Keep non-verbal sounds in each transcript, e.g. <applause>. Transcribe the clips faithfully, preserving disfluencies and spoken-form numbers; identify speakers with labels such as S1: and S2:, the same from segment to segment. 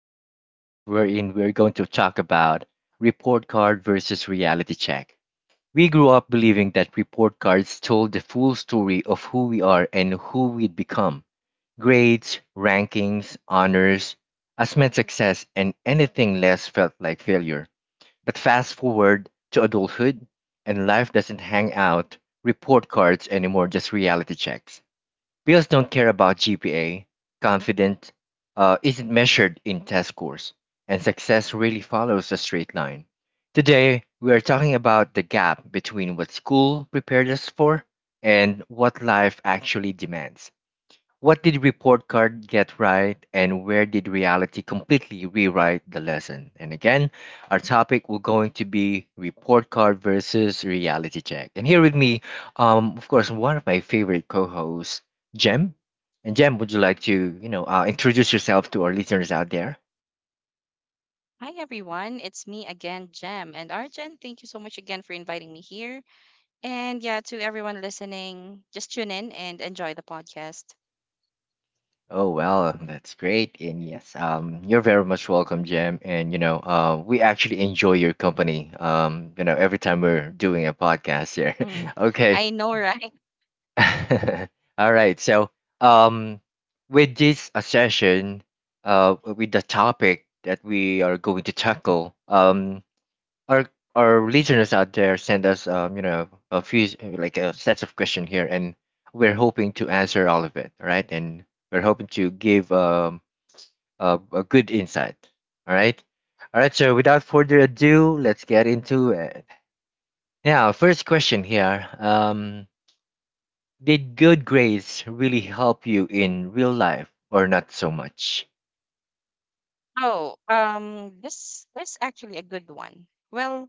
S1: to our podcast, wherein we're going to talk about report card versus reality check. We grew up believing that report cards told the full story of who we are and who we'd become. Grades, rankings, honors, us meant success, and anything less felt like failure. But fast forward to adulthood, and life doesn't hang out report cards anymore, just reality checks. Bills don't care about G P A. Confident uh, isn't measured in test scores, and success really follows a straight line. Today, we are talking about the gap between what school prepared us for and what life actually demands. What did report card get right, and where did reality completely rewrite the lesson? And again, our topic will going to be report card versus reality check. And here with me, um, of course, one of my favorite co-hosts, Jem. And Jem, would you like to, you know, uh, introduce yourself to our listeners out there?
S2: Hi everyone, it's me again, Jem and Arjen. Thank you so much again for inviting me here. And yeah, to everyone listening, just tune in and enjoy the podcast.
S1: Oh well, that's great. And yes, um, you're very much welcome, Jem. And you know, uh, we actually enjoy your company. Um, you know, every time we're doing a podcast here.
S2: Mm.
S1: <laughs> Okay.
S2: I know, right? <laughs>
S1: <laughs> All right. So, um, with this uh, session, uh, with the topic that we are going to tackle, um, our our listeners out there send us, um, you know, a few like a sets of question here, and we're hoping to answer all of it, all right? And we're hoping to give um a, a good insight. All right. All right. So, without further ado, let's get into it. Now, first question here. Um. Did good grades really help you in real life, or not so much?
S2: Oh, um, this this is actually a good one. Well,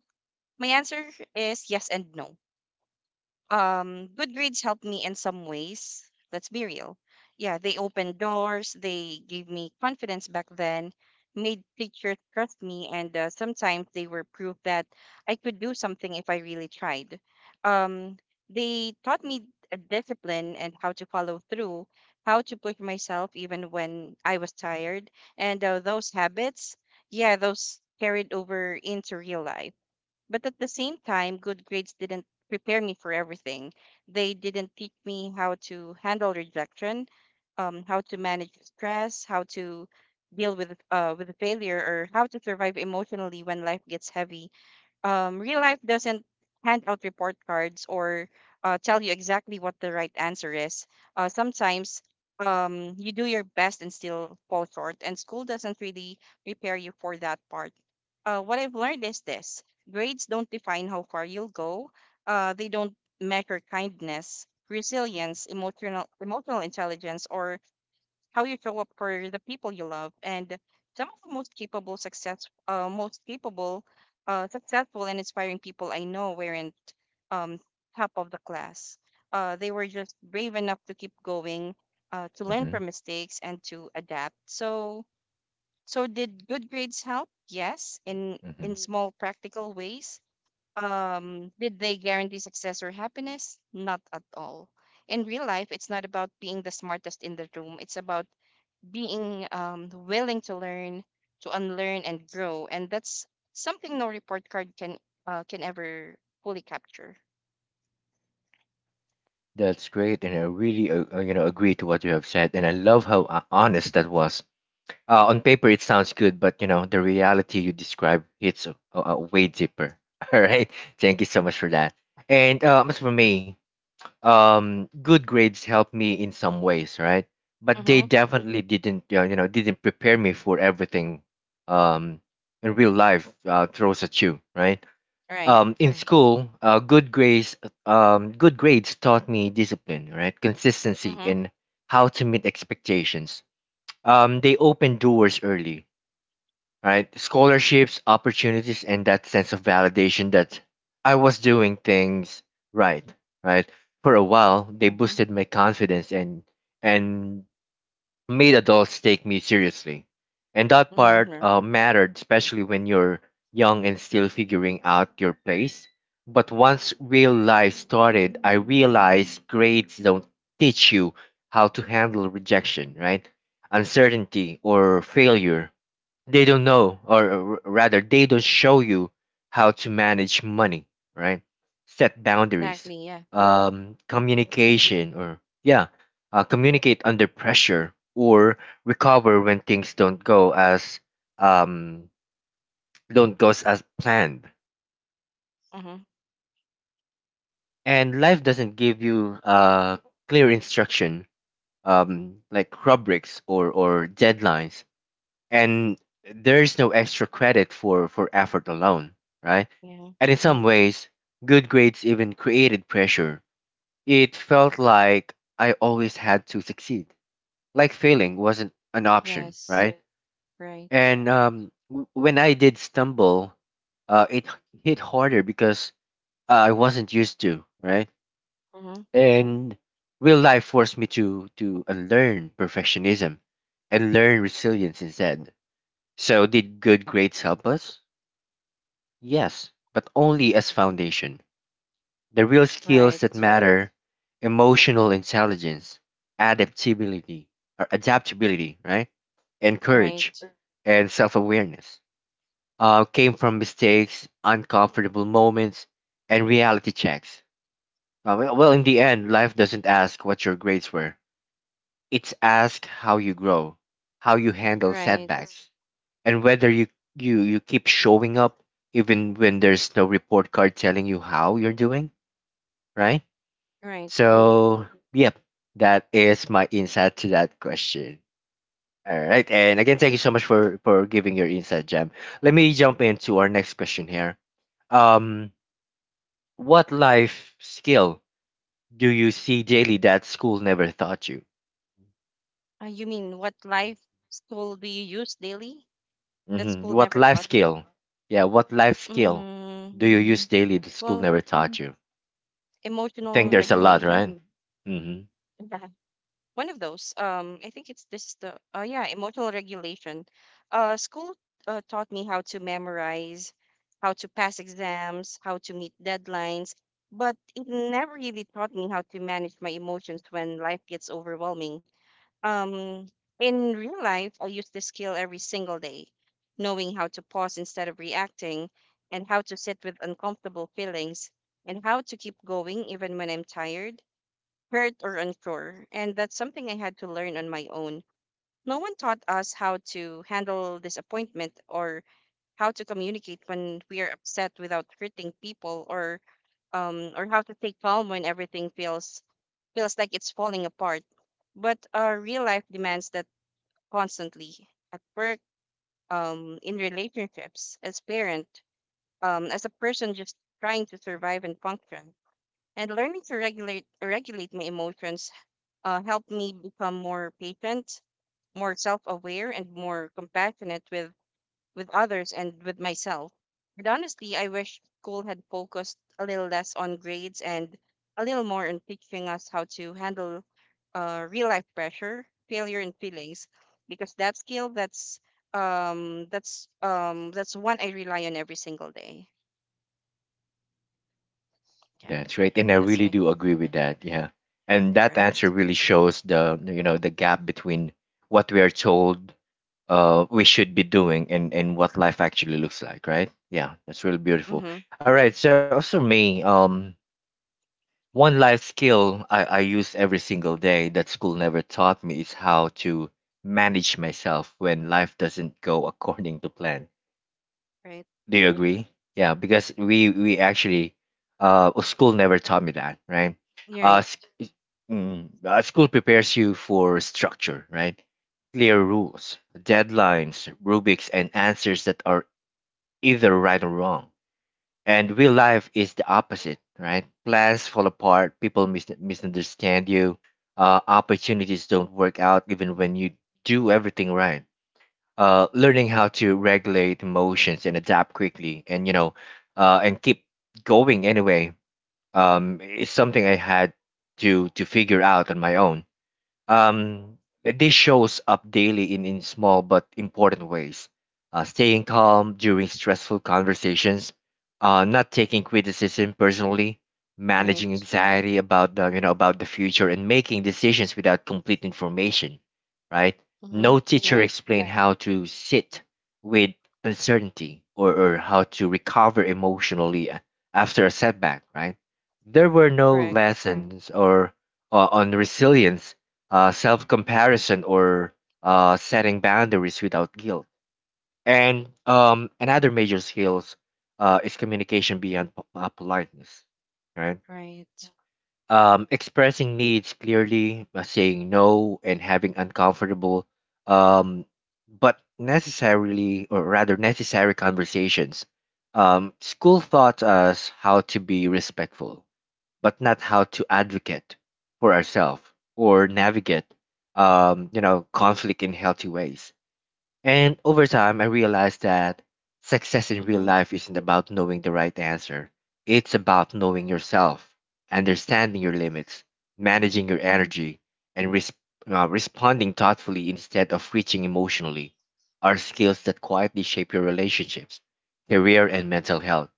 S2: my answer is yes and no. Um good grades helped me in some ways, let's be real. Yeah, they opened doors, they gave me confidence back then, made teachers trust me, and uh, sometimes they were proof that I could do something if I really tried. um they taught me a discipline and how to follow through, how to push myself even when I was tired, and uh, those habits, yeah, those carried over into real life. But at the same time, good grades didn't prepare me for everything. They didn't teach me how to handle rejection, um, how to manage stress, how to deal with uh, with failure, or how to survive emotionally when life gets heavy. Um, real life doesn't hand out report cards or uh, tell you exactly what the right answer is. Uh, sometimes um, you do your best and still fall short, and school doesn't really prepare you for that part. Uh, what I've learned is this: grades don't define how far you'll go, uh, they don't measure kindness, resilience, emotional, emotional intelligence, or how you show up for the people you love. And some of the most capable success uh, most capable uh, successful and inspiring people I know weren't um, top of the class. Uh, they were just brave enough to keep going, uh, to learn
S1: Hmm.
S2: from mistakes and to adapt. So so did good grades help? Yes, in in
S1: Hmm.
S2: small practical ways. Um, did they guarantee success or happiness? Not at all. In real life, it's not about being the smartest in the room, it's about being um, willing to learn, to unlearn and grow, and that's something no report card can uh, can ever fully capture.
S1: That's great, and I really, uh, uh, you know, agree to what you have said, and I love how uh, honest that was. Uh, on paper, it sounds good, but you know, the reality you describe hits uh, uh, way deeper. <laughs> All right, thank you so much for that. And uh, as for me, um good grades helped me in some ways, right? But they
S2: Mm-hmm.
S1: definitely didn't uh, you know didn't prepare me for everything um in real life uh, throws at you, right?
S2: Right.
S1: Um in school uh, good grades um good grades taught me discipline, right? Consistency,
S2: Mm-hmm.
S1: and how to meet expectations. Um they opened doors early, right? Scholarships, opportunities, and that sense of validation that I was doing things right, right? For a while, they
S2: Mm-hmm.
S1: boosted my confidence and and made adults take me seriously. And that part
S2: Mm-hmm.
S1: uh, mattered, especially when you're young and still figuring out your place. But once real life started, I realized grades don't teach you how to handle rejection, right? Uncertainty or failure, they don't know, or r- rather they don't show you how to manage money, right? Set boundaries,
S2: Exactly. Yeah.
S1: um communication or yeah uh, communicate under pressure, or recover when things don't go as um don't go as planned
S2: Mm-hmm. Mm-hmm.
S1: and life doesn't give you uh clear instruction, um like rubrics or or deadlines, and there's no extra credit for for effort alone, right?
S2: Yeah.
S1: And in some ways, good grades even created pressure. It felt like I always had to succeed, like failing wasn't an option,
S2: Yes.
S1: right?
S2: Right.
S1: And um, w- when I did stumble, uh, it h- hit harder because uh, I wasn't used to, right?
S2: Mm-hmm.
S1: And real life forced me to to unlearn perfectionism and learn resilience instead. So did good grades help us? Yes, but only as foundation. The real skills that
S2: Right.
S1: matter, emotional intelligence, adaptability, or adaptability, right? And courage
S2: Right.
S1: and self-awareness uh, came from mistakes, uncomfortable moments, and reality checks. Uh, well, well, in the end, life doesn't ask what your grades were. It's ask how you grow, how you handle
S2: Right.
S1: setbacks, and whether you, you, you keep showing up even when there's no report card telling you how you're doing, right?
S2: Right. Mm-hmm.
S1: So, yep, that is my insight to that question. All right, and again, thank you so much for for giving your insight, Jam. Let me jump into our next question here. Um, what life skill do you see daily that school never taught you?
S2: Uh, you mean what life school do you use daily that
S1: Hmm.
S2: school
S1: What
S2: never
S1: life
S2: taught you?
S1: skill? Yeah, what life skill
S2: Mm,
S1: do you use daily that school
S2: well,
S1: never taught you? I think
S2: emotional
S1: there's a lot,
S2: regulation.
S1: right?
S2: <laughs> One of those. Um, I think it's this the uh, yeah, emotional regulation. Uh, school uh, taught me how to memorize, how to pass exams, how to meet deadlines, but it never really taught me how to manage my emotions when life gets overwhelming. Um, in real life, I use this skill every single day: knowing how to pause instead of reacting, and how to sit with uncomfortable feelings, and how to keep going even when I'm tired, hurt or unsure, and that's something I had to learn on my own. No one taught us how to handle disappointment, or how to communicate when we are upset without hurting people, or um or how to stay calm when everything feels feels like it's falling apart. But uh, real life demands that constantly: at work, um, in relationships, as parent, um, as a person just trying to survive and function. And learning to regulate regulate my emotions uh, helped me become more patient, more self-aware, and more compassionate with with others and with myself. And honestly, I wish school had focused a little less on grades and a little more on teaching us how to handle uh, real life pressure, failure, and feelings, because that skill, that's um that's um that's one I rely on every single day. Yeah,
S1: That's right, and I
S2: that's
S1: really
S2: my
S1: do agree with that. Yeah, and that answer
S2: right.
S1: really shows the, you know, the gap between what we are told uh we should be doing and and what life actually looks like, right? Yeah, that's really beautiful.
S2: Mm-hmm.
S1: All right, so also me, um, one life skill I I use every single day that school never taught me is how to manage myself when life doesn't go <laughs> according to plan.
S2: Right.
S1: Do you agree? Yeah, because we we actually uh school never taught me that, right?
S2: You're
S1: uh,
S2: right.
S1: Mm, uh, school prepares you for structure, right? Clear rules, deadlines, rubrics, and answers that are either right or wrong. And real life is the opposite, right? Plans fall apart, people mis- misunderstand you, uh, opportunities don't work out even when you do everything right. Uh, learning how to regulate emotions and adapt quickly, and you know, uh, and keep going anyway, um, is something I had to to figure out on my own. um, this shows up daily in, in small but important ways. Uh, staying calm during stressful conversations, uh, not taking criticism personally, managing
S2: Right.
S1: anxiety about the, you know about the future, and making decisions without complete information. Right?
S2: Mm-hmm.
S1: No teacher
S2: Right.
S1: explained, right, how to sit with uncertainty, or, or how to recover emotionally a- after a setback. Right? There were no
S2: Correct.
S1: lessons or uh, on resilience, uh, self comparison, or uh, setting boundaries without guilt. And um, another major skills uh, is communication beyond po- uh, politeness, right?
S2: Right.
S1: Um, expressing needs clearly, uh, saying no, and having uncomfortable um, but necessarily, or rather necessary conversations. Um, school taught us how to be respectful but not how to advocate for ourselves or navigate um, you know conflict in healthy ways. And over time, I realized that success in real
S2: Mhm.
S1: life isn't about knowing the right answer. It's about knowing yourself, understanding your limits,
S2: Mhm.
S1: managing your energy, and res- uh, responding thoughtfully instead of reaching emotionally are skills that quietly shape your relationships, career, and mental health.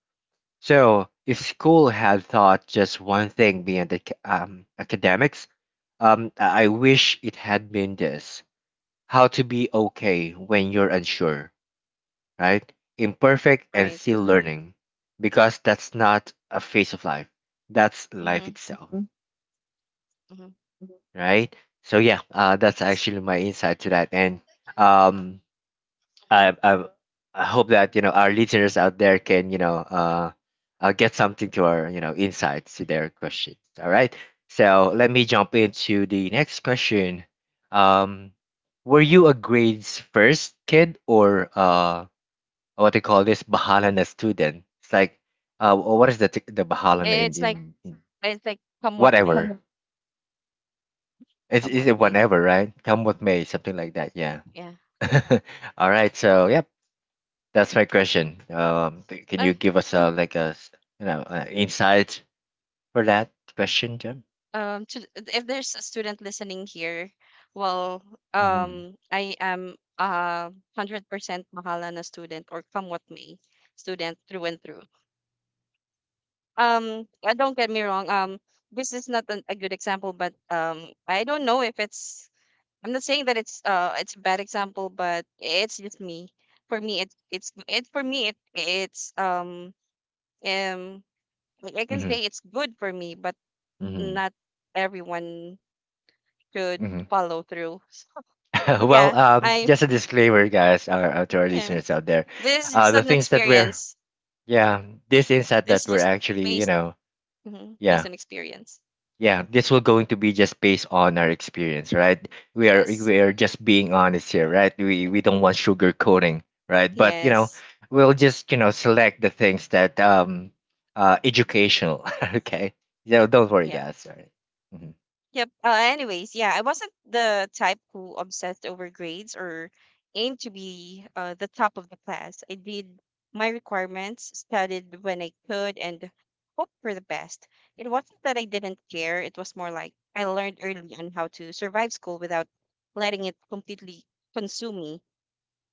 S1: So, if school had taught just one thing beyond ac- um, academics, um, I I wish it had been this: how to be okay when you're unsure, right? Imperfect and
S2: Right.
S1: still learning. Because that's not a phase of life, that's life
S2: Mhm.
S1: itself. Mhm.
S2: Mhm.
S1: Right? So, yeah, uh, that's
S2: Right.
S1: actually my insight to that. And um,
S2: Mhm.
S1: I I I hope that, you know, our listeners out there can, you know uh, uh get something to our, you know, insights to their questions. All right. So let me jump into the next question. Um, were you a grades first kid, or uh what they call this, Bahalana student? It's like uh what is the t- the Bahalana in
S2: It's
S1: in,
S2: like
S1: in
S2: it's like come what may,
S1: whatever. Is
S2: come
S1: is
S2: what
S1: it
S2: may.
S1: whatever, right? Come with me, something like that. Yeah.
S2: Yeah.
S1: <laughs> All right. So yeah. That's my question. Um, th- can you
S2: I
S1: give us uh, like a s- you know, uh, insight for that question, Jim?
S2: um to, if there's a student listening here, well,
S1: Mm-hmm.
S2: um, I am a hundred percent Mahalana student or come what may student through and through. Um, uh, don't get me wrong. Um, this is not an, a good example, but um, I don't know if it's, I'm not saying that it's uh it's a bad example, but it's just me. For me, it it's it for me it it's um um like I can
S1: Mm-hmm.
S2: say it's good for me, but
S1: Mm-hmm.
S2: not everyone should follow through. So, but
S1: Mm-hmm. <laughs>
S2: yeah,
S1: Well,
S2: I
S1: um, just a disclaimer, guys, our, uh, to our
S2: yeah.
S1: listeners out there,
S2: This is
S1: uh,
S2: just
S1: the
S2: an
S1: things that we're
S2: experience.
S1: yeah, this insight
S2: This
S1: that
S2: is
S1: we're
S2: just
S1: actually, you
S2: based,
S1: know,
S2: mhm,
S1: yeah,
S2: based on experience.
S1: yeah, this will going to be just based on our experience, right? We are
S2: Yes.
S1: we are just being honest here, right? We we don't want sugar coating, right? But you know,
S2: Yes.
S1: we'll just, you know, select the things that um uh educational. <laughs> Okay. Yeah, don't worry,
S2: Yep.
S1: guys, all right. Mhm.
S2: Yep. Uh, anyways, yeah, I wasn't the type who obsessed over grades or aimed to be uh, the top of the class. I did my requirements, studied when I could, and hoped for the best. It wasn't that I didn't care, it was more like I learned early on how to survive school without letting it completely consume me.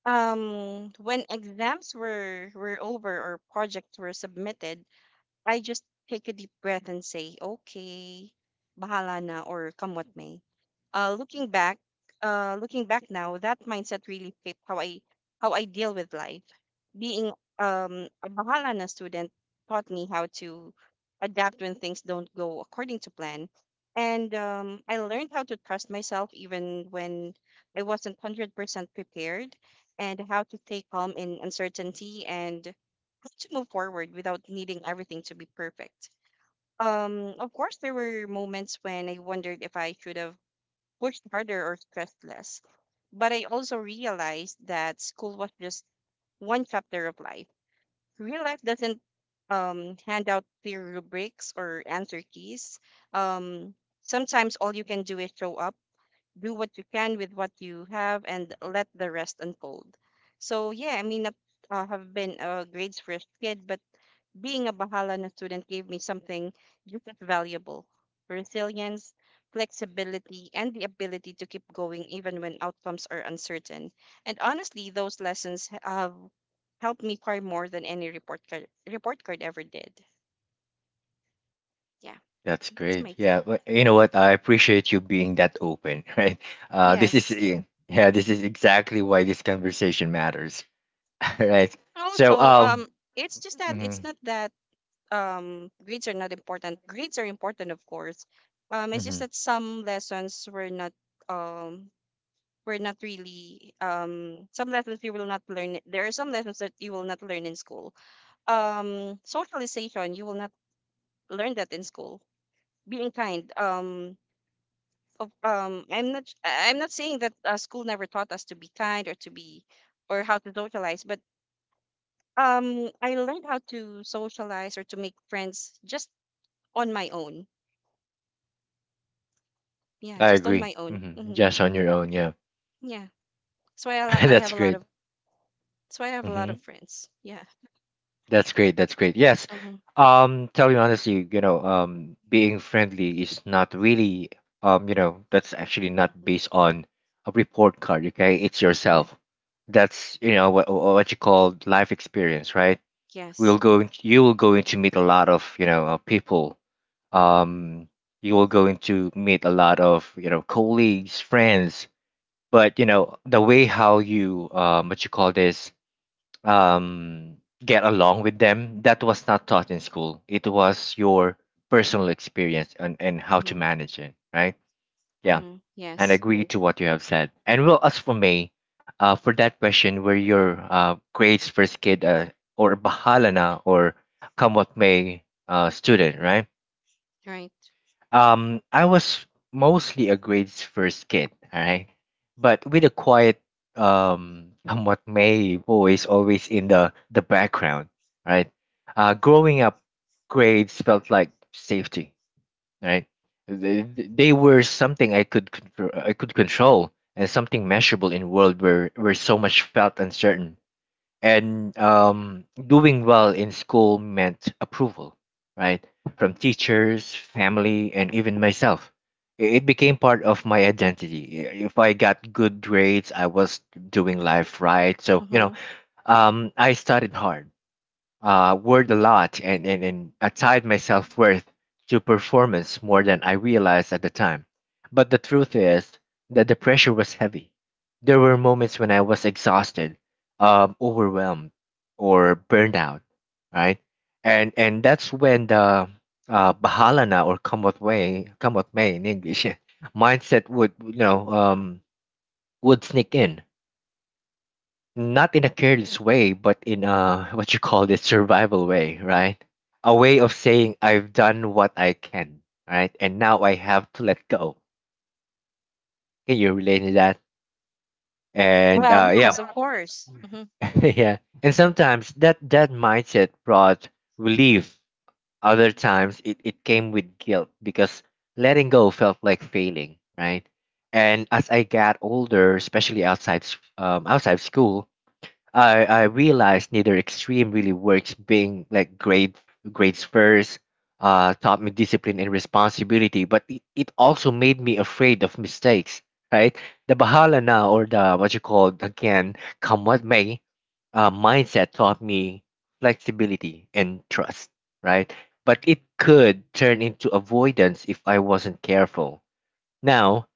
S2: Um, when exams were, were over or projects were submitted, I just take a deep breath and say, okay, bahala na or come what may. Uh, looking back, uh, looking back now, that mindset really shaped how I how I deal with life. Being um, a bahala na student taught me how to adapt when things don't go according to plan, and um, I learned how to trust myself even when I wasn't hundred percent prepared, and how to stay calm in uncertainty and to move forward without needing everything to be perfect. Um, of course, there were moments when I wondered if I should have pushed harder or stressed less, but I also realized that school was just one chapter of life. Real life doesn't um, hand out clear rubrics or answer keys. Um, Sometimes all you can do is show up, do what you can with what you have, and let the rest unfold. So yeah, I mean, I uh, have been a grades first kid, but being a Bahala student gave me something just as valuable: resilience, flexibility, and the ability to keep going even when outcomes are uncertain. And honestly, those lessons h- have helped me far more than any report card, report card ever did. Yeah,
S1: That's
S2: that's
S1: great.
S2: my
S1: Yeah.
S2: take.
S1: W- you know
S2: Hmm.
S1: what, I appreciate you being that open. <laughs> Right? uh this is
S2: Yes.
S1: eh, yeah, this is exactly why this conversation matters. <laughs> Right? so
S2: Also,
S1: um
S2: um, it's just that it's
S1: mhm,
S2: not that um grades are not important. Grades are important, of course. Um, it's just
S1: mhm,
S2: that some lessons were not um we're not really um some lessons you will not learn, there are some lessons that you will not learn in school. Um socialization, you will not learn that in school. Being kind, um of, um i'm not I- I'm not saying that uh, school never taught us to be kind or to be or how to socialize, but um I learned how to socialize or to make friends just on my own. Yeah,
S1: I
S2: just on
S1: agree.
S2: my own.
S1: Hmm.
S2: Hmm,
S1: Just on your own, yeah.
S2: yeah. so i
S1: <laughs>
S2: al- I
S1: That's
S2: have a lot
S1: great.
S2: of So I have a lot
S1: Hmm.
S2: of friends. Yeah.
S1: That's great. That's great. Yes.
S2: Hmm.
S1: Um, tell you honestly, you know, um, being friendly is not really, um, you know, that's actually not based on a report card. Okay, it's
S2: Yeah.
S1: yourself. That's, you know, what what you call life experience, right? We'll
S2: Yes.
S1: go. You will going to meet a lot of, you know, uh, people. Um, you will going to meet a lot of, you know, colleagues, friends. But you know the way how you, um, what you call this um, get along with them, that was not taught in school, it was your personal experience, and, and how to
S2: Hmm.
S1: manage it, right? Yeah.
S2: Mm-hmm.
S1: And
S2: Yes.
S1: agree to what you have said. And well, as for me, uh, for that question, were your uh, grades first kid, uh, or bahala na, or come what may uh, student, right?
S2: Right.
S1: Um, I was mostly a grades first kid, alright? But with a quiet, um, somewhat May voice always in the, the background, right? Uh, growing up, grades felt like safety, right? They, they were something I could contr- I could control and something measurable in world where, where so much felt uncertain and um, doing well in school meant approval, right? From teachers, family, and even myself. I- It became part of my identity. I- If I got good grades, I was doing life right. So, you
S2: Mm-hmm.
S1: know, um, I studied hard, uh, worried a lot and, and, and I tied my self worth to performance more than I realized at the time. But the truth is that the pressure was heavy. There were moments when I was exhausted, um, overwhelmed, or burned out, right? And and that's when the uh, bahalana or kamot way, kamot may in English, <laughs> mindset would you know um, would sneak in not in a careless way, but in a what you call it survival way, right? A way of saying I've done what I can, right? And now I have to let go. Can you relate to that? And
S2: Well,
S1: uh, yeah,
S2: yes, of course. Mm-hmm.
S1: <laughs> yeah. And sometimes that that mindset brought relief. Other times it, it came with guilt because letting go felt like failing, right? And as I got older, especially outside s- um, outside school, I I realized neither extreme really works. Being like grade grades first uh taught me discipline and responsibility, but it, it also made me afraid of mistakes. Right, the bahala na or the what you call again come what may uh, mindset taught me flexibility and trust. Right, but it could turn into avoidance if I wasn't careful. Now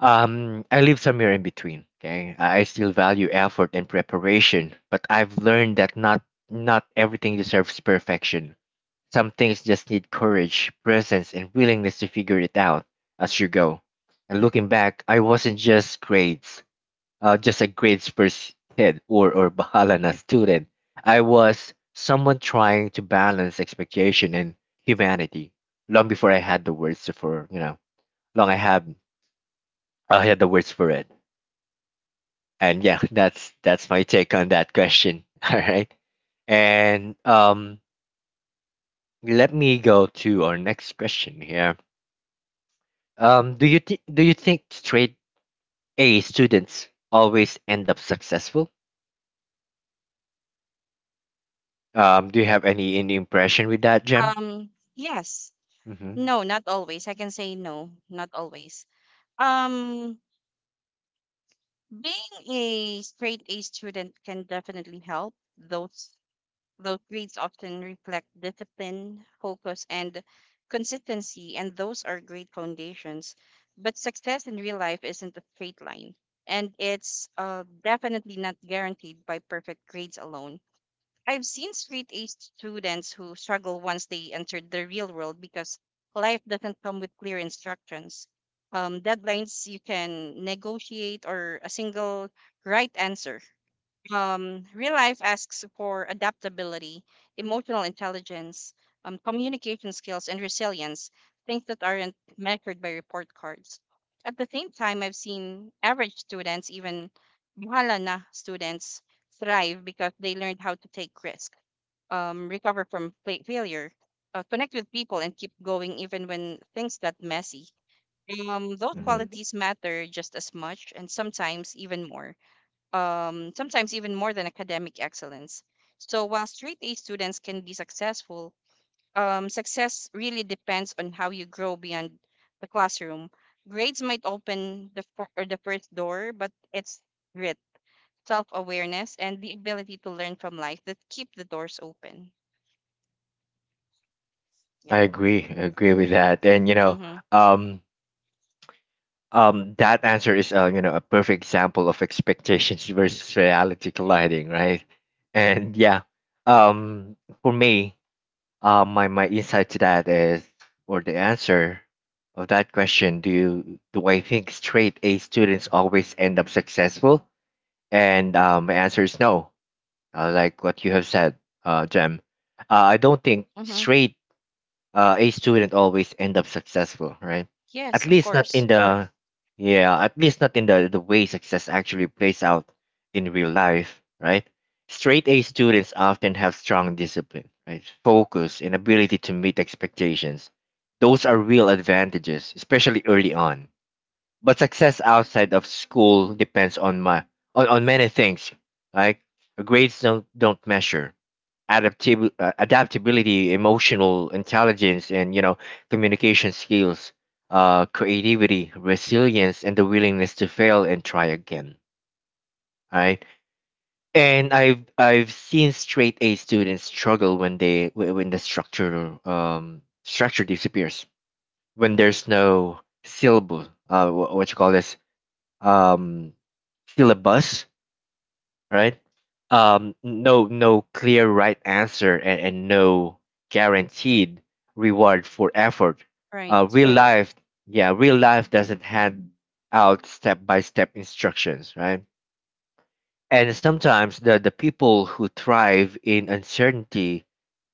S1: um, I live somewhere in between. Okay, I I still value effort and preparation, but I've learned that not not everything deserves perfection. Some things just need courage, presence, and willingness to figure it out as you go. And looking back, I wasn't just grades, uh, just a grades first kid or or bahalana student. I was someone trying to balance expectation and humanity long before I had the words for you know long I had I had the words for it. And yeah, <laughs> that's that's my take on that question. <laughs> All right. And um let me go to our next question here. Um do you think do you think straight a students always end up successful? Um do you have any any impression with that, Jem?
S2: Um, yes.
S1: Hmm. Hmm.
S2: No, not always. I can say no, not always. Um, Being a straight A student can definitely help. Those those grades often reflect discipline, focus, and consistency, and those are great foundations. But success in real life isn't a straight line, and it's uh, definitely not guaranteed by perfect grades alone. I've seen straight A students who struggle once they entered the real world, because life doesn't come with clear instructions. Um, deadlines you can negotiate, or a single right answer. Um, real life asks for adaptability, emotional intelligence, um, communication skills, and resilience, things that aren't measured by report cards. At the same time, I've seen average students, even bahala na students, thrive because they learned how to take risk, um, recover from fa- failure, uh, connect with people, and keep going even when things got messy. Um, those
S1: Mm.
S2: qualities matter just as much, and sometimes even more, um, sometimes even more than academic excellence. So while straight A students can be successful, um, success really depends on how you grow beyond the classroom. Grades might open the fir- or the first door, but it's grit, self awareness, and the ability to learn from life that keep the doors open. Yeah.
S1: I agree, I agree with that. And you know,
S2: Mhm.
S1: um um that answer is uh, you know, a perfect example of expectations versus reality colliding, right? And yeah, um for me, Uh, my my insight to that is, or the answer of that question, do you do I think straight A students always end up successful? And um, my answer is no. Uh, like what you have said, uh, Jem. Uh, I don't think
S2: Mhm.
S1: straight uh, a student always end up successful, right?
S2: Yes,
S1: At
S2: of
S1: least not
S2: course.
S1: in the Yeah, at least not in the the way success actually plays out in real life, right? Straight A students often have strong discipline, right? Focus and ability to meet expectations. Those are real advantages, especially early on. But success outside of school depends on my on, on many things, like grades don't don't measure adaptib- uh, adaptability, emotional intelligence, and you know, communication skills, uh, creativity, resilience, and the willingness to fail and try again. Right, and I've I've seen straight A students struggle when they wh- when the structure um structure disappears, when there's no syllable uh wh- what you call this um syllabus, right? Um, no, no clear right answer, and, and no guaranteed reward for effort. Uh,
S2: Right.
S1: real life, yeah, real life doesn't hand out step by step instructions, right? And sometimes the, the people who thrive in uncertainty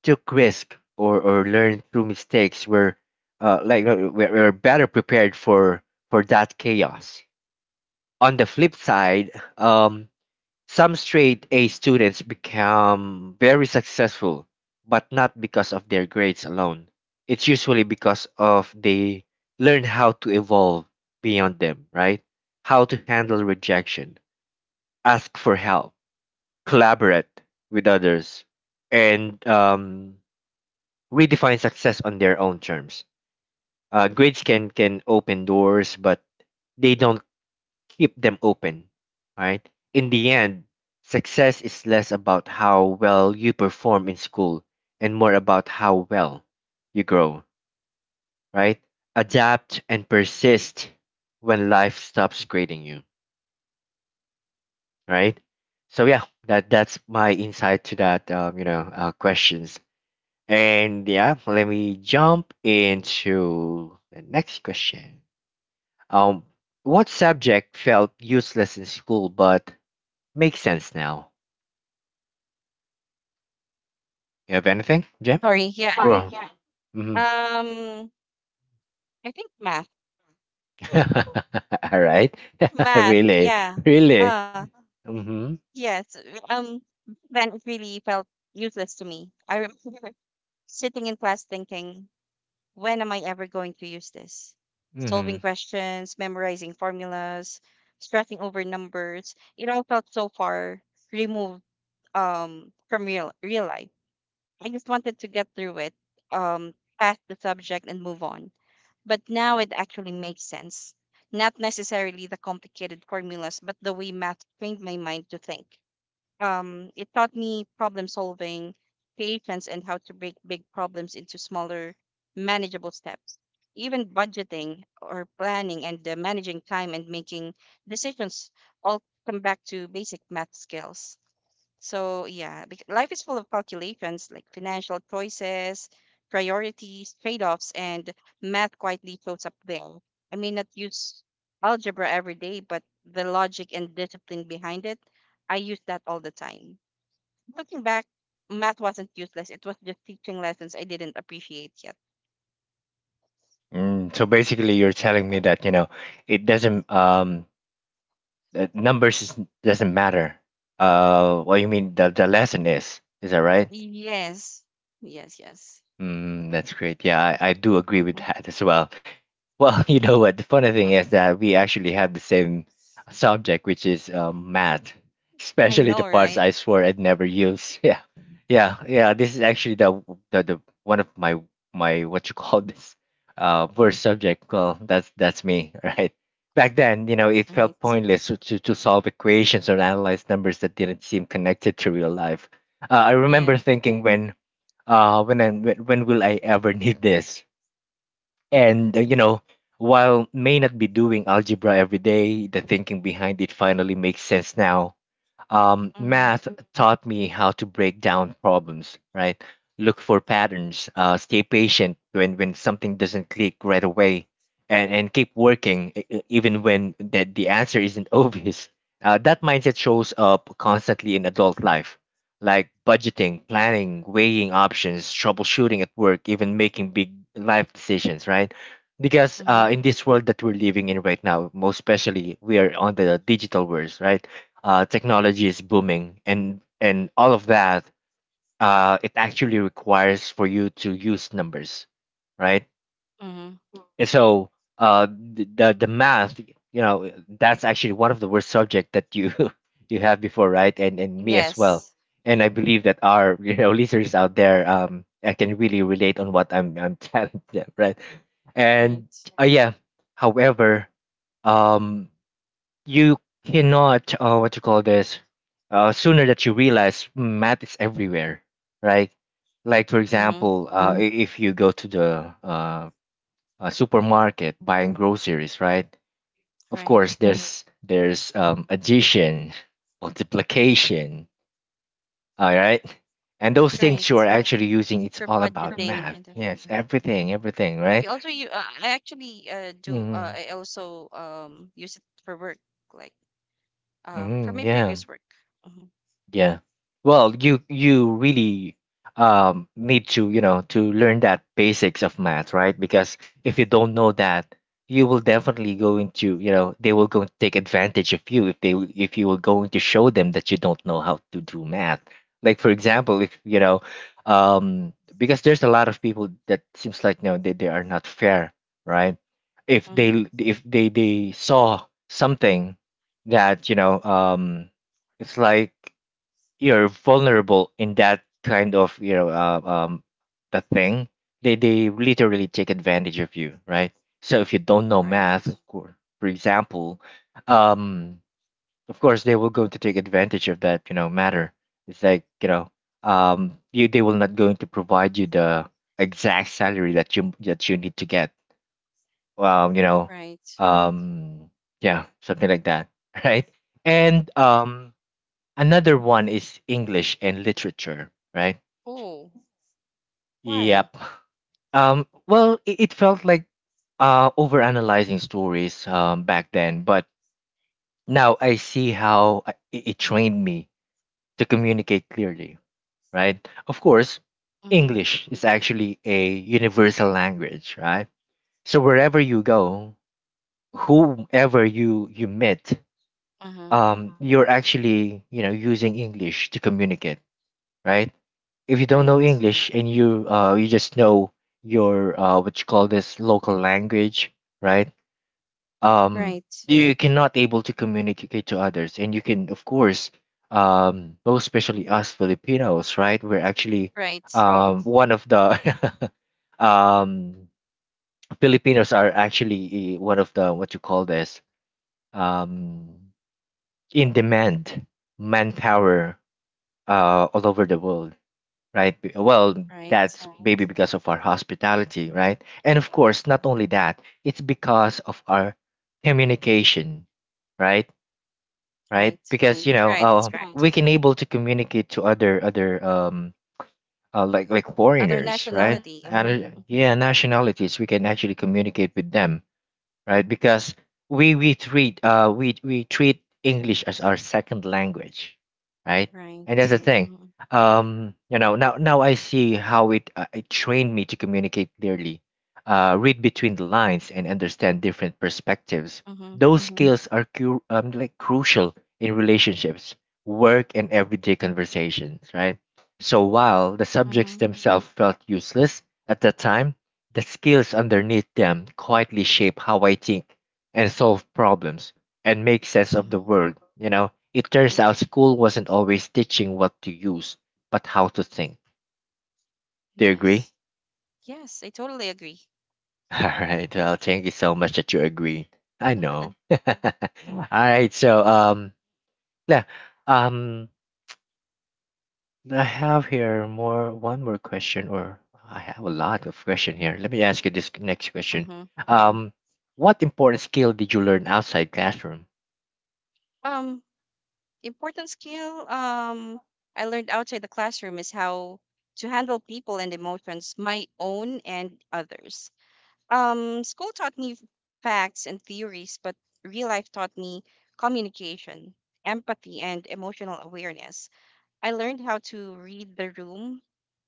S1: took risk, or, or learned through mistakes were uh, like uh, were, were better prepared for for that chaos. On the flip side, um, some straight-A students become very successful, but not because of their grades alone. It's usually because of they learn how to evolve beyond them, right? How to handle rejection, ask for help, collaborate with others, and um, redefine success on their own terms. Uh, grades can can open doors, but they don't keep them open, right? In the end, success is less about how well you perform in school and more about how well you grow, right? Adapt and persist when life stops grading you, right? So yeah, that that's my insight to that, um, you know uh, questions. And yeah, let me jump into the next question. Um, what subject felt useless in school but makes sense now? You have anything, Jim?
S2: Sorry. Yeah. <laughs>
S1: Mm-hmm.
S2: Um, I think math.
S1: <laughs> All right. <laughs>
S2: Math.
S1: Really?
S2: Yeah.
S1: Really?
S2: Uh.
S1: Mm-hmm.
S2: Yes, uh, um, then it really felt useless to me. I remember <laughs> sitting in class thinking, when am I ever going to use this? Solving
S1: Mm-hmm.
S2: questions, memorizing formulas, stressing over numbers. It all felt so far removed um, from real, real life. I just wanted to get through it, um, pass the subject, and move on. But now it actually makes sense. Not necessarily the complicated formulas, but the way math trained my mind to think. Um, it taught me problem solving, patience, and how to break big problems into smaller, manageable steps. Even budgeting or planning, and uh, managing time, and making decisions, all come back to basic math skills. So yeah, bec- life is full of calculations, like financial choices, priorities, trade-offs, and math quietly shows up there. I may not use algebra every day, but the logic and discipline behind it, I use that all the time. Looking back, math wasn't useless. It was just teaching lessons I didn't appreciate yet.
S1: Mm, so basically, you're telling me that, you know, it doesn't, um, that numbers is, doesn't matter. Uh, what you mean the, the lesson is, is that right?
S2: Yes, yes, yes.
S1: Mm, that's great. Yeah, I, I do agree with
S2: Hmm.
S1: that as well. Well, <laughs> you know what? The funny thing
S2: Hmm.
S1: is that we actually have the same subject, which is um, math,
S2: I
S1: especially the
S2: know,
S1: parts
S2: right?
S1: I swore I'd never use. <laughs> Yeah, yeah, yeah. This is actually the the, the one of my my what you call <laughs> this uh worst subject. Well, that's that's me, <laughs> right? Back then, you know, it
S2: Right.
S1: felt pointless to to, to solve equations or analyze numbers that didn't seem connected to real life. Uh, I
S2: Yeah.
S1: remember thinking when uh when I, when when will I ever <laughs> need this? And, uh, you know, while may not be doing algebra every day, the thinking behind it finally makes sense now. Um,
S2: Mm-hmm.
S1: math taught me how to break down problems, right? Look for patterns, uh, stay patient when, when something doesn't click right away, and, and keep working e- e- even when the, the answer isn't <laughs> obvious. Uh, that mindset shows up constantly in adult life, like budgeting, planning, weighing options, troubleshooting at work, even making big life decisions, right? Because
S2: Mm-hmm.
S1: uh, in this world that we're living in right now, most especially we are on the digital world, right? Uh, technology is booming and and all of that, uh, it actually requires for you to use numbers, right?
S2: Mm-hmm.
S1: And so uh, the, the the math, you know, that's actually one of the worst subject that you <laughs> you have before, right? and and me as well.
S2: Yes.
S1: And I believe that our <laughs> you know, listeners out there, um I can really relate on what I'm I'm <laughs> telling them, right? And
S2: Right.
S1: uh, yeah, however, um you cannot, uh, what you call this, uh, sooner that you realize, mm, math is everywhere, right? Like for
S2: Mm-hmm.
S1: example, uh, i- if you go to the uh, uh, supermarket buying groceries, right? Of course
S2: Right,
S1: there's there's um, addition, multiplication, all right? And those things you are
S2: right.
S1: actually using, it's
S2: For
S1: all about
S2: budgeting
S1: math.
S2: and uh,
S1: Yes, everything everything,
S2: we
S1: right?
S2: also you uh, I actually uh, do uh,
S1: Mm-hmm.
S2: I also um use it for work, like um for
S1: Mm-hmm.
S2: my
S1: Yeah.
S2: previous work. Mm-hmm,
S1: Yeah. Well, you you really um need to, you know, to learn that basics of math, right? Because if you don't know that, you will definitely go into, you know, they will go and take advantage of you if they w- if you were going to show them that you don't know how to do math. Like for example,
S2: mm-hmm,
S1: if you know, um because there's a lot of people that seems like no, they, they are not fair, right? If they
S2: mm-hmm.
S1: l- if they they saw something that, you know, um it's like you're vulnerable in that kind of, you know, uh, um that thing, they they literally take advantage of you, right? So if you don't know
S2: Right,
S1: math, for for example, um of course they will go to take advantage of that, you know, matter. It's like, you know, um you they will not going to provide you the exact salary that you that you need to get, um you know
S2: right.
S1: um yeah, something like that, <laughs> right? And um another one is English and literature, right?
S2: Oh, why?
S1: Yep. Um, well, it, it felt like uh, overanalyzing stories um, back then, but now I see how I- it, it trained me to communicate clearly, right? Of course,
S2: Mm-hmm,
S1: English is actually a universal language, right? So wherever you go, whoever you you meet,
S2: mm-hmm.
S1: um, you're actually, you know, using English to communicate, right? If you don't know
S2: Right,
S1: English and you uh you just know your uh what you call this local language, right? Um,
S2: right,
S1: you cannot able to communicate to others, and you can of course, um most especially us Filipinos, right? We're actually
S2: right,
S1: um one of the <laughs> um Filipinos are actually, eh, one of the what you call this, um in demand manpower uh all over the world, right? Be- Well,
S2: right,
S1: that's Right. maybe because of our hospitality, right? And of course, not only that, it's because of our communication, right? Right?
S2: right,
S1: Because, you Right. know,
S2: right. It's
S1: uh, Right.
S2: correct.
S1: we can able to communicate to other other um uh, like like
S2: Other
S1: foreigners, right?
S2: nationality.
S1: And
S2: Mm-hmm,
S1: uh,
S2: mm-hmm.
S1: yeah, nationalities, we can actually communicate with them, right? Because we we treat uh we we treat English as our second language, right?
S2: Right.
S1: And that's the thing.
S2: Mm-hmm,
S1: Um, you know, now now I see how it uh, it trained me to communicate clearly, uh, read between the lines, and understand different perspectives.
S2: mm-hmm,
S1: Those hmm skills are cu- um, like crucial in relationships, work, and everyday conversations, right? So while the subjects
S2: mm-hmm,
S1: themselves felt useless at that time, the skills underneath them quietly shape how I think and solve problems and make sense of the
S2: mm-hmm.
S1: world. You know, it turns out school wasn't always teaching what to use, but how to think. Do you agree?
S2: Yes, yes. I totally agree.
S1: <laughs> All right. Well, thank you so much that you agree. I know.
S2: <laughs>
S1: <laughs> All right. So, um, yeah, um, I have here more one more question, or I have a lot of question here. Let me ask you this next question.
S2: Mm-hmm.
S1: Um, what important skill did you learn outside classroom?
S2: Um, Important skill um I learned outside the classroom is how to handle people and emotions, my own and others. Um, school taught me facts and theories, but real life taught me communication, empathy, and emotional awareness. I learned how to read the room,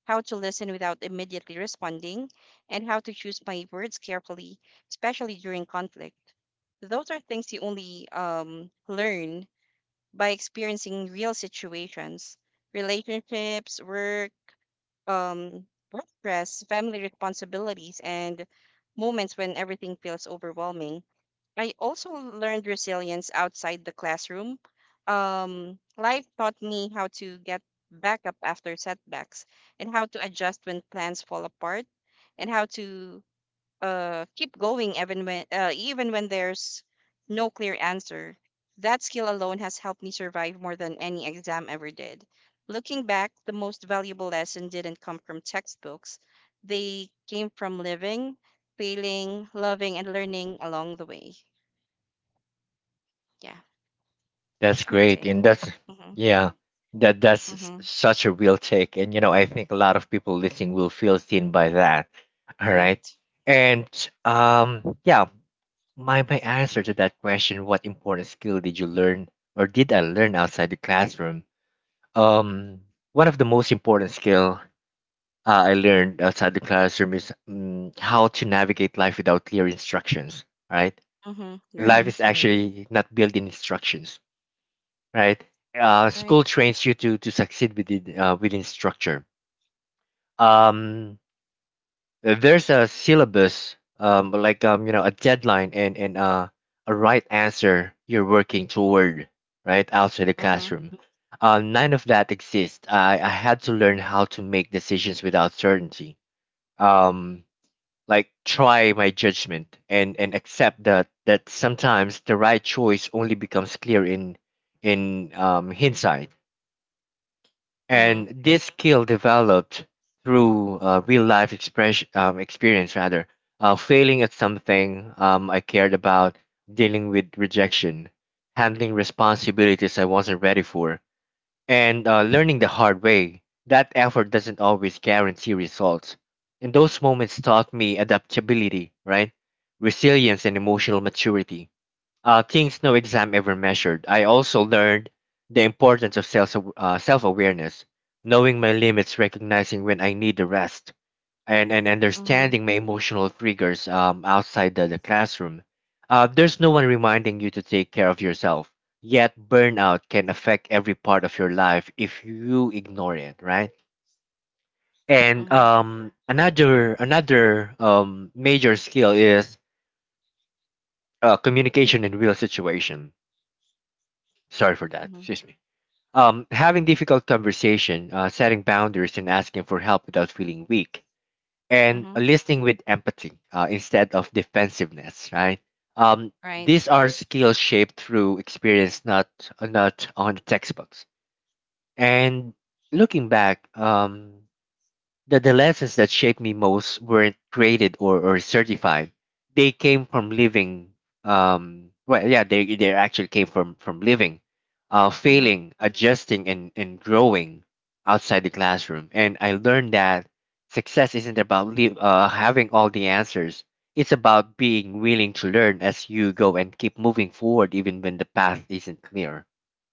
S2: how to listen without immediately responding, and how to choose my words carefully, especially during conflict. Those are things you only um, learn by experiencing real situations, relationships, work, um, work stress, family responsibilities, and moments when everything feels overwhelming. I also learned resilience outside the classroom. Um, life taught me how to get back up after setbacks, and how to adjust when plans fall apart, and how to uh, keep going even when uh, even when there's no clear answer. That skill alone has helped me survive more than any exam ever did. Looking back, the most valuable lesson didn't come from textbooks. They came from living, failing, loving, and learning along the way. Yeah,
S1: That's
S2: that's my
S1: great,
S2: take.
S1: and that's
S2: Mm-hmm.
S1: yeah, that that's s-
S2: Mm-hmm.
S1: such a real take, and you know I think a lot of people listening will feel seen by that. <laughs> All right,
S2: Right.
S1: and um, yeah, my my answer to that question: what important skill did you learn, or did I learn outside the classroom? Um, one of the most important skill uh, I learned outside the classroom is um, how to navigate life without clear instructions. All right,
S2: Mm-hmm.
S1: life is
S2: Right.
S1: actually not built in instructions, right? Uh, school
S2: Right.
S1: trains you to to succeed within uh, within structure. Um, there's a syllabus, um, like um, you know, a deadline and and uh, a right answer you're working toward, right outside the
S2: Mm-hmm.
S1: classroom. Uh, none of that exists. I I had to learn how to make decisions without certainty. Um, like try my judgment and and accept that that sometimes the right choice only becomes clear in in um hindsight,
S2: Mm-hmm.
S1: and this skill developed through uh, real life expression, um, experience rather uh, failing at something um, I cared about, dealing with rejection, handling responsibilities I wasn't ready for, and uh, learning the hard way that effort doesn't always guarantee results. And those moments taught me adaptability, right? Resilience and emotional maturity, uh, things no exam ever measured. I also learned the importance of self uh, self awareness, knowing my limits, recognizing when I need the rest, and and
S2: Mm-hmm.
S1: understanding my emotional triggers um, outside the, the classroom. Uh, there's no one reminding you to take care of yourself. Yet burnout can affect every part of your life if you ignore it, right? And
S2: Mm-hmm.
S1: um, another another um, major skill is uh, communication in real situation. Sorry for that.
S2: Mm-hmm.
S1: Excuse me. Um, having difficult conversation, uh, setting boundaries, and asking for help without feeling weak, and
S2: Mm-hmm.
S1: listening with empathy uh, instead of defensiveness, right? Um, these
S2: Right.
S1: are skills shaped through experience, not uh, not on the textbooks. And looking back, um, the, the lessons that shaped me most weren't created or, or certified. They came from living. Um, well, yeah, they, they actually came from, from living, uh,
S2: Mm-hmm.
S1: failing, adjusting, and, and growing outside the classroom. And I learned that success isn't about live, uh, having all the answers. It's about being willing to learn as you go and keep moving forward even when the path isn't clear,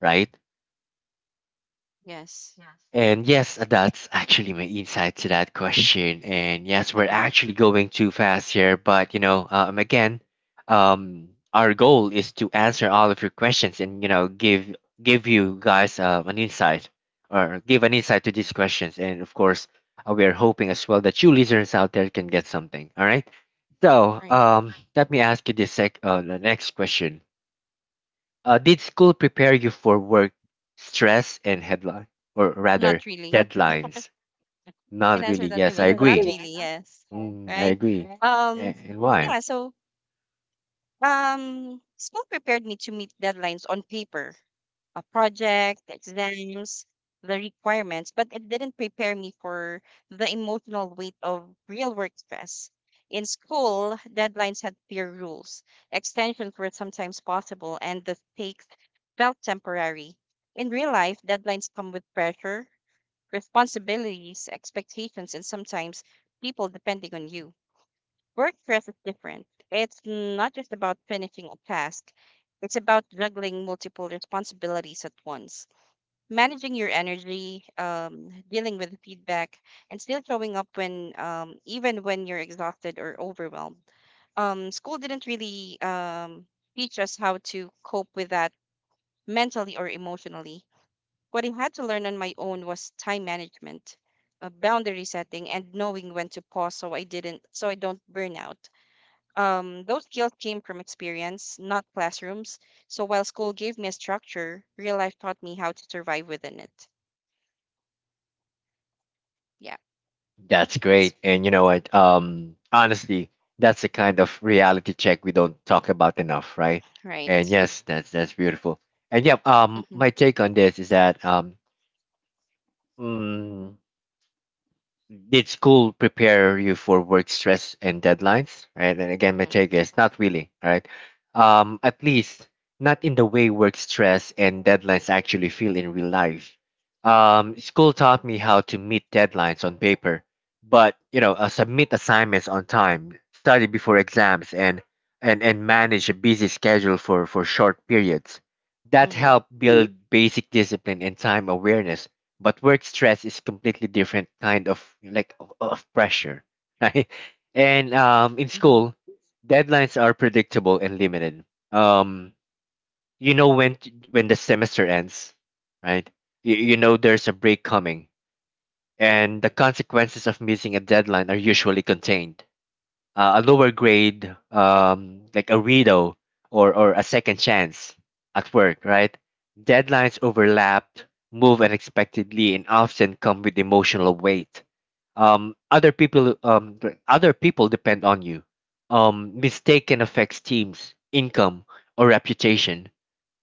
S1: right?
S2: Yes.
S1: And yes, that's actually my insight to that question. And yes, we're
S2: <laughs>
S1: actually going too fast here, but you know, um, again, um, our goal is to answer all of your questions, and you know, give give you guys um, an insight or give an insight to these questions. And of course, uh, we are hoping as well that you listeners out there can get something. All right. So,
S2: Right.
S1: um, let me ask you this sec uh, the next question. Uh, did school prepare you for work stress and headline, or rather
S2: Not really.
S1: deadlines?
S2: You can
S1: Not really.
S2: answer that,
S1: Yes, I
S2: Emil. <laughs> Not
S1: agree.
S2: really, yes.
S1: Mm, I
S2: Right?
S1: agree. A-
S2: Um,
S1: And why?
S2: yeah, so um school prepared me to meet deadlines on paper, a project, exams, the requirements, but it didn't prepare me for the emotional weight of real work stress. In school, deadlines had clear rules. Extensions were sometimes possible and the stakes felt temporary. In real life, deadlines come with pressure, responsibilities, expectations, and sometimes people depending on you. Work stress is different. It's not just about finishing a task, it's about juggling multiple responsibilities at once, managing your energy, um, dealing with feedback, and still showing up when, um, even when you're exhausted or overwhelmed. Um, school didn't really um, teach us how to cope with that mentally or emotionally. What I had to learn on my own was time management, uh, boundary setting, and knowing when to pause so I didn't so I don't burn out. Um, those skills came from experience, not classrooms. So while school gave me a structure, real life taught me how to survive within it. Yeah,
S1: That's
S2: that's
S1: great. And you know what? Um, honestly, that's the kind of reality check we don't talk about enough, right? And
S2: right.
S1: yes, that's that's beautiful. And yeah, um,
S2: Mm-hmm,
S1: my take on this is that um, mm, did school prepare you for work stress and deadlines, right? And again, my
S2: mm-hmm,
S1: take is not really, right? um at least not in the way work stress and deadlines actually feel in real life. um school taught me how to meet deadlines on paper, but you know, uh, submit assignments on time, study before exams, and and and manage a busy schedule for for short periods. That
S2: mm-hmm,
S1: helped build basic discipline and time awareness, but work stress is completely different kind of like of, of pressure, <laughs> right? And um, in
S2: mm-hmm.
S1: school, deadlines are predictable and limited. Um, you know, when t- when the semester ends, right? you, you know there's a break coming, and the consequences of missing a deadline are usually contained: uh, a lower grade, um, like a redo, or, or a second chance. At work, right? Deadlines overlap, move unexpectedly, and often come with emotional weight. Um, other people, um, th- other people depend on you. Um, mistake can affect teams, income, or reputation.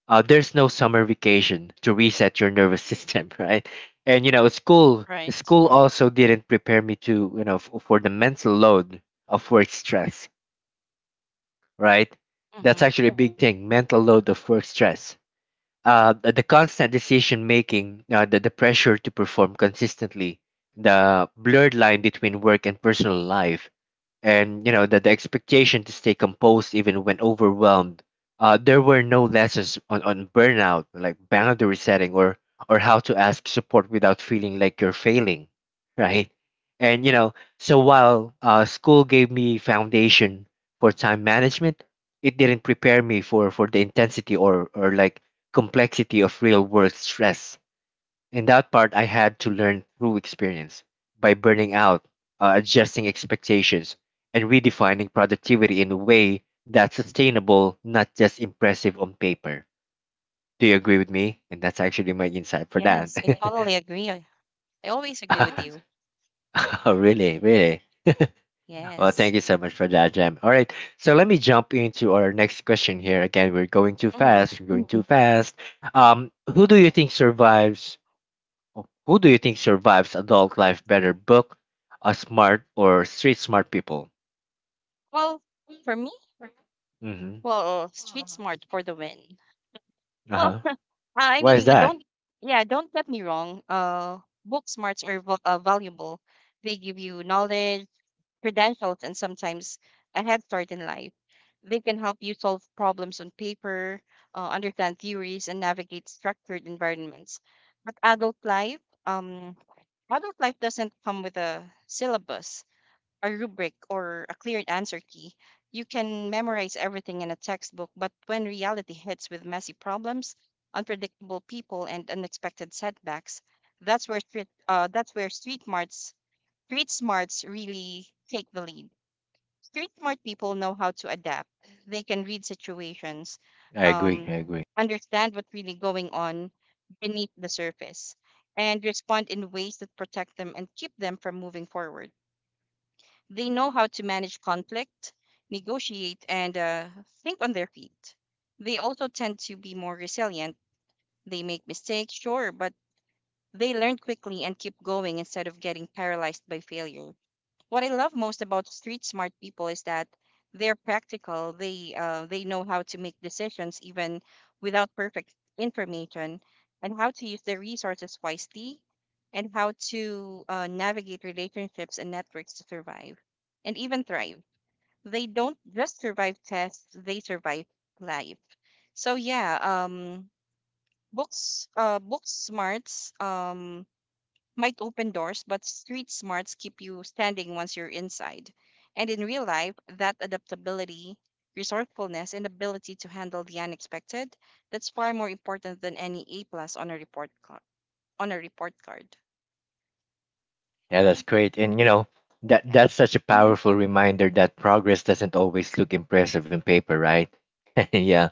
S1: Uh, there's no summer vacation to reset your nervous system, <laughs> right? And you know, school
S2: Right.
S1: school also didn't prepare me to, you know, f- for the mental load of work stress, right? That's
S2: Mm-hmm.
S1: actually a big Mhm. thing, mental load of work stress. Uh, the, the constant decision making, uh, the, the pressure to perform consistently, the blurred line between work and personal life, and you know, the, the expectation to stay composed even when overwhelmed. Uh, there were no lessons on, on burnout, like boundary setting, or or how to ask support without feeling like you're failing, right? And you know, so while uh, school gave me foundation for time management, it didn't prepare me for for the intensity or or like complexity of real world stress. And that part I had to learn through experience, by burning out, uh, adjusting expectations, and redefining productivity in a way that's sustainable, not just impressive on paper. Do you agree with me? And that's actually my insight for that.
S2: Yes, I totally agree. I, I always agree with
S1: Yes.
S2: you.
S1: <laughs> Oh, really? Really? Well,
S2: Yes.
S1: thank you so much for that, Jam. All right. So let me jump into our next question here. Again, we're going too
S2: Mm-hmm.
S1: fast. We're going too fast. Um, who do you think survives Who do you think survives adult life better, book a smart or street smart people?
S2: Well, for me,
S1: Hmm
S2: well, street smart for the win.
S1: Uh
S2: Well,
S1: huh.
S2: <laughs> uh, I
S1: Why is
S2: mean, uh,
S1: that?
S2: don't, yeah, don't get me wrong. Uh, book smarts are vo- uh, valuable. They give you knowledge, credentials, and sometimes a head start in life. They can help you solve problems on paper, uh, understand theories, and navigate structured environments. But adult life, um, adult life doesn't come with a syllabus, a rubric, or a clear answer key. You can memorize everything in a textbook, but when reality hits with messy problems, unpredictable people, and unexpected setbacks, that's where street, uh, that's where street smarts street smarts really take the lead. Street smart people know how to adapt. They can read situations,
S1: I agree.
S2: um,
S1: I agree.
S2: understand what's really going on beneath the surface, and respond in ways that protect them and keep them from moving forward. They know how to manage conflict, negotiate, and uh, think on their feet. They also tend to be more resilient. They make mistakes, sure, but they learn quickly and keep going instead of getting paralyzed by failure. What I love most about street smart people is that they're practical. They uh, they know how to make decisions even without perfect information, and how to use their resources wisely, and how to uh, navigate relationships and networks to survive and even thrive. They don't just survive tests, they survive life. So yeah, um books uh book smarts um might open doors, but street smarts keep you standing once you're inside. And in real life, that adaptability, resourcefulness, and ability to handle the unexpected, that's far more important than any A plus on a report card on a report card.
S1: Yeah, that's
S2: Mm,
S1: great. And you know, that
S2: yeah.
S1: that's such a
S2: Mm-hmm.
S1: powerful reminder that progress doesn't always look impressive in paper, right? <laughs> Yeah.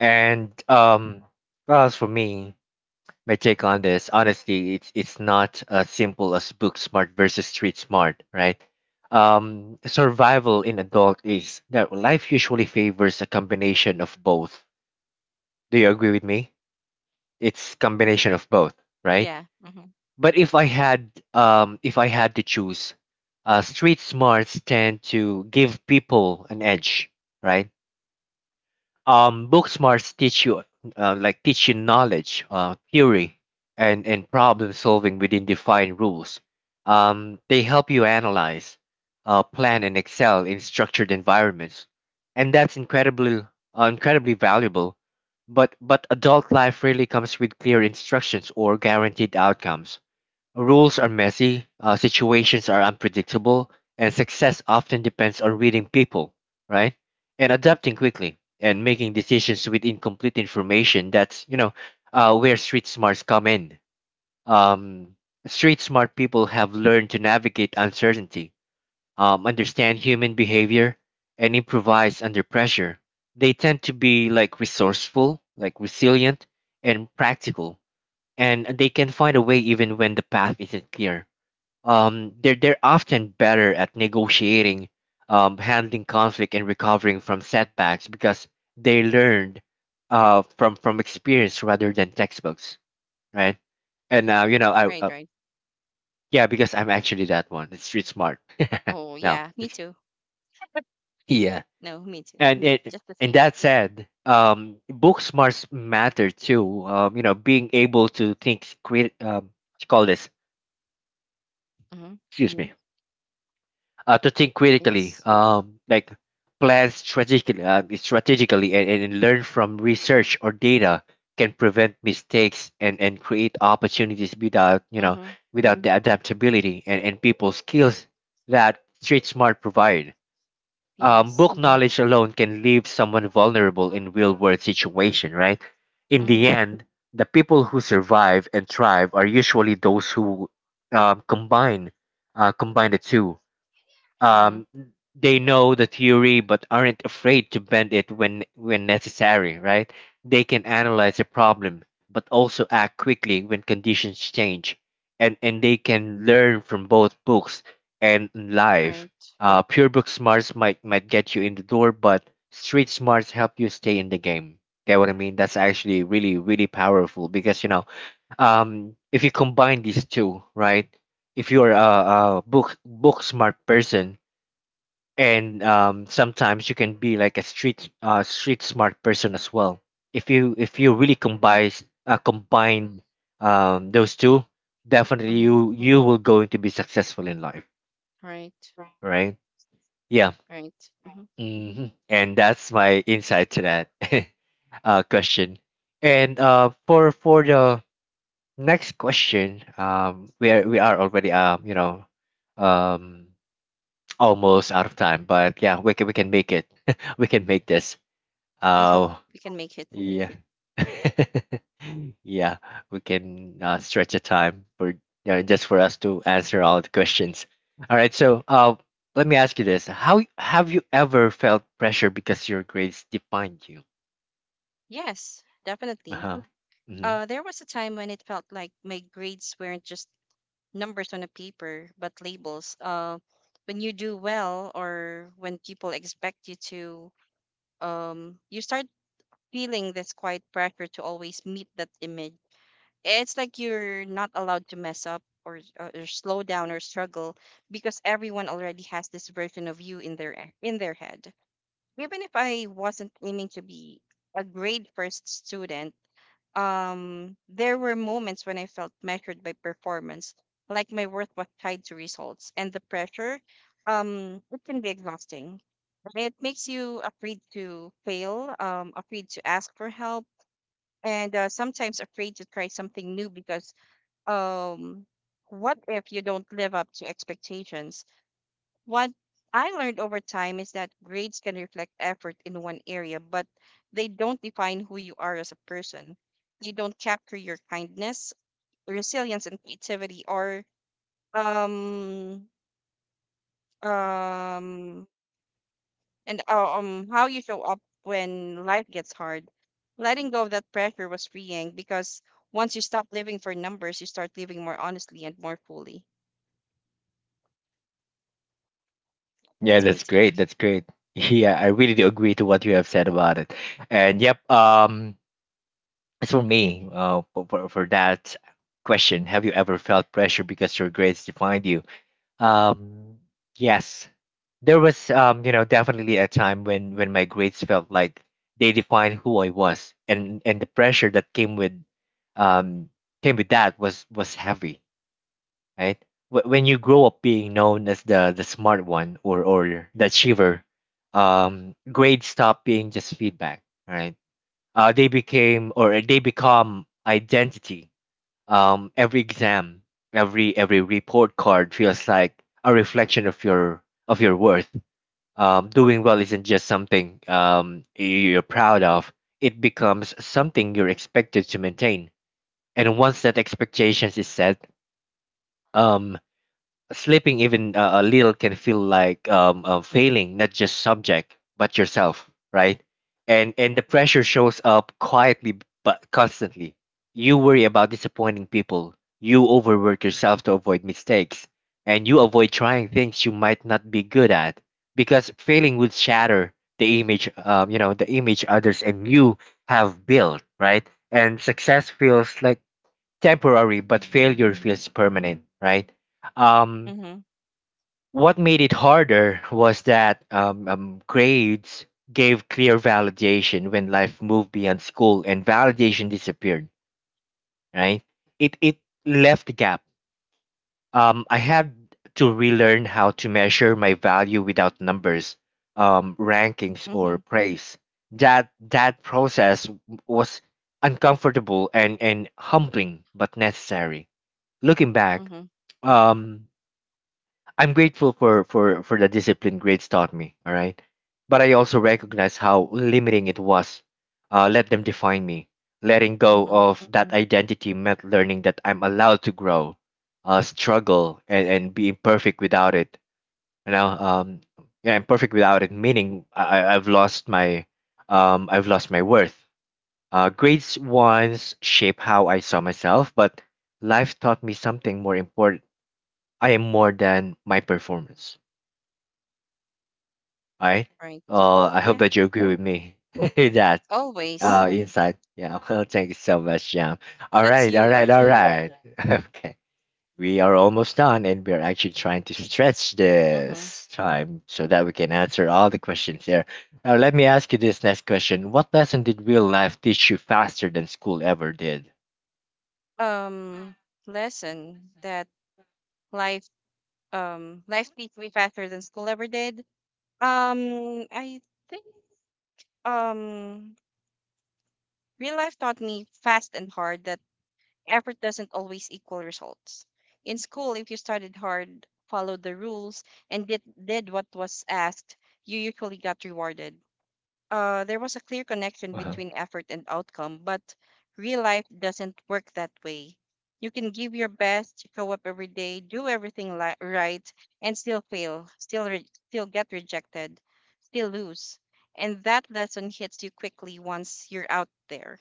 S1: And um, well, as for me, my take on this, honestly, it's it's not as simple as book smart versus street smart, right? Um, survival in adult is that life usually favors a combination of both. Do you agree with me? It's combination of both, right?
S2: Yeah. Mm-hmm.
S1: But if I had um, if I had to choose, uh street smarts tend to give people an edge, right? Um, book smarts teach you, uh, like teach you knowledge, uh, theory, and and problem solving within defined rules. Um, they help you analyze, uh, plan, and excel in structured environments, and that's incredibly uh, incredibly valuable. But but adult life rarely comes with clear instructions or guaranteed outcomes. Rules are messy, uh, situations are unpredictable, and success often depends on reading people, right? And adapting quickly and making decisions with incomplete information. That's, you know, uh, where street smarts come in. Um, street smart people have learned to navigate uncertainty, um, understand human behavior, and improvise under pressure. They tend to be like resourceful, like resilient, and practical, and they can find a way even when the path isn't clear. Um, they're they're often better at negotiating, um, handling conflict, and recovering from setbacks because they learned uh, from from experience rather than textbooks, right? And uh, you know, I
S2: Right,
S1: uh,
S2: right.
S1: yeah, because I'm actually that one. It's street smart.
S2: Oh
S1: <laughs> Now,
S2: yeah, me too. <laughs>
S1: yeah,
S2: No, me too.
S1: and it
S2: Just the
S1: and
S2: same.
S1: that said, um, book smarts matter too. Um, you know, being able to think, create, um, what you call this.
S2: Mm-hmm.
S1: Excuse me. uh, to think critically,
S2: Yes.
S1: um, like plan strategically, uh, strategically and, and learn from research or data can prevent mistakes and, and create opportunities, without you know,
S2: Mm-hmm.
S1: without the adaptability and, and people skills that street smart provide. Um,
S2: Yes.
S1: book knowledge alone can leave someone vulnerable in real world situation, right? In the
S2: Mm-hmm.
S1: end, the people who survive and thrive are usually those who um, combine uh, combine the two.
S2: Mm-hmm.
S1: um, they know the theory but aren't afraid to bend it when when necessary, right? They can analyze a problem but also act quickly when conditions change, and and they can learn from both books and life.
S2: Right.
S1: Uh, pure book smarts might might get you in the door, but street smarts help you stay in the game. Get what I mean? That's actually really, really powerful, because you know um if you combine these two, right? If you're a, a book book smart person, and um, sometimes you can be like a street uh, street smart person as well. If you if you really combine uh, combine um, those two, definitely
S2: Mm-hmm.
S1: you you will going to be successful in life,
S2: Right.
S1: right? Yeah.
S2: Right. Mm-hmm.
S1: Hmm and that's my insight to that <laughs> uh, question. And
S2: Yeah.
S1: uh, for for the next question, um, we are we are already, um, you know um, almost out of time, but yeah, we can we can make it, <laughs> we can make this.
S2: We hope
S1: Oh,
S2: we can make it.
S1: yeah. <laughs> Yeah, we can uh, stretch a time for, yeah, just for us to answer all the questions. All right, so uh, let me ask you this: how have you ever felt pressure because your grades defined you?
S2: Yes, definitely.
S1: Uh-huh. Hmm.
S2: Uh, there was a time when it felt like my grades weren't just numbers on a paper, but labels. Uh, when you do well, or when people expect you to, um, you start feeling this quiet pressure to always meet that image. It's like you're not allowed to mess up, or, or or slow down, or struggle, because everyone already has this version of you in their e- in their head. Even if I wasn't aiming to be a grade first student, um, there were moments when I felt measured by performance, like my worth was tied to results, and the pressure, um, it can be exhausting. And it makes you afraid to fail, um, afraid to ask for help, and uh, sometimes afraid to try something new, because um what if you don't live up to expectations? What I learned over time is that grades can reflect effort in one area, but they don't define who you are as a person. They don't capture your kindness, resilience, and creativity, or um um and uh, um how you show up when life gets hard. Letting go of that pressure was freeing, because once you stop living for numbers, you start living more honestly and more fully.
S1: Yeah,
S2: That's
S1: that's
S2: my take.
S1: great. That's great. <laughs> Yeah, I really do agree to what you have said about it. And yep, um, as for me, uh, for for for that question, have you ever felt pressure because your grades defined you? Um, yes, there was, um, you know, definitely a time when when my grades felt like they defined who I was, and and the pressure that came with, um came with that was was heavy, right? Wh- When you grow up being known as the the smart one, or or the achiever, um, grades stop being just feedback, right? Uh, they became, or they become, identity. Um, every exam, every every report card feels like a reflection of your of your worth. Um, doing well isn't just something, um, you're proud of. It becomes something you're expected to maintain. And once that expectations is set, um, sleeping even uh, a little can feel like, um, uh, failing not just subject but yourself, right? And and the pressure shows up quietly but constantly. You worry about disappointing people. You overwork yourself to avoid mistakes, and you avoid trying things you might not be good at, because failing would shatter the image, um, you know, the image others and you have built, right? And success feels like temporary, but failure feels permanent, right? Um,
S2: Mhm.
S1: what made it harder was that, um, um, grades gave clear validation. When life moved beyond school and validation disappeared, right? It, it left a gap. Um, I had to relearn how to measure my value without numbers, um, rankings, or
S2: Mhm.
S1: praise. That, that process w- was uncomfortable and, and humbling, but necessary. Looking back,
S2: Mhm.
S1: um, I'm grateful for for for the discipline grades taught me. All right, but I also
S2: Mhm.
S1: recognize how limiting it was. Uh, let them define me. Letting go
S2: Mhm.
S1: of that identity meant learning that I'm allowed to grow, uh, struggle, and, and be imperfect without it. You know, um, yeah, imperfect without it, meaning I, I- I've lost my, um, I've lost my worth. Uh, grades once shaped how I saw myself, but life taught me something more important. I am more than my performance. All right.
S2: Right.
S1: Uh, I hope
S2: Yeah.
S1: that you agree with me <laughs> that
S2: Always.
S1: uh insight. Yeah. <laughs> Well, thank you so much, Jam. All
S2: That's
S1: right. All
S2: you,
S1: right. All
S2: Arjun.
S1: right. <laughs> Okay. We are almost done, and we are actually trying to stretch
S2: Mhm.
S1: this time so that we can answer all the questions here. Now, let me ask you this next question: what lesson did real life teach you faster than school ever did?
S2: Um Lesson that life um life beat me faster than school ever did. Um I think um real life taught me fast and hard that effort doesn't always equal results. In school, if you studied hard, followed the rules, and did did what was asked, you usually got rewarded. Uh, there was a clear connection
S1: Uh-huh.
S2: between effort and outcome, but real life doesn't work that way. You can give your best, show up every day, do everything li- right, and still fail, still re- still get rejected, still lose. And that lesson hits you quickly once you're out there.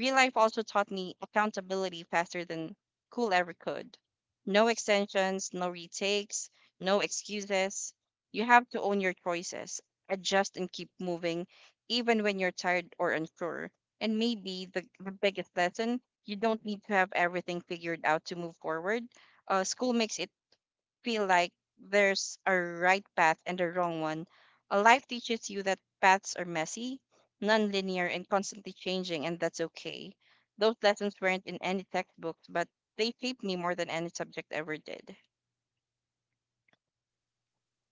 S2: Real life also taught me accountability faster than cool ever could. No extensions, no retakes, no excuses. You have to own your choices, adjust, and keep moving even when you're tired or unsure. And maybe the, the biggest lesson: you don't need to have everything figured out to move forward. Uh, school makes it feel like there's a right path and a wrong one. Uh, life teaches you that paths are messy, non-linear, and constantly changing, and that's okay. Those lessons weren't in any textbooks, but they shaped me more than any subject ever did.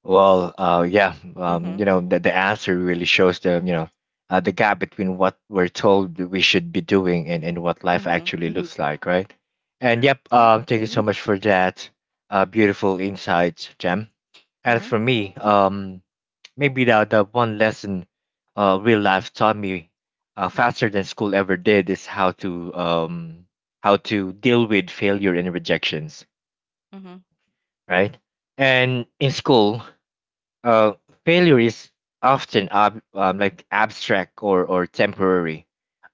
S1: Well, uh, yeah, um, you
S2: Mhm.
S1: know, the, the answer really shows the, you know, uh, the gap between what we're told we should be doing and, and what life
S2: Mhm.
S1: actually, mhm, looks like, right? And yep,
S2: Yep.
S1: um, thank you so, mhm, much for that uh, beautiful insight, Jem. As
S2: Mhm.
S1: for me, um, maybe the, the one lesson uh, real life taught me uh, faster than school ever did is how to, um, how to deal with failure and rejections,
S2: Mhm.
S1: right? And in school, uh, failure is often ab- um, like abstract, or, or temporary.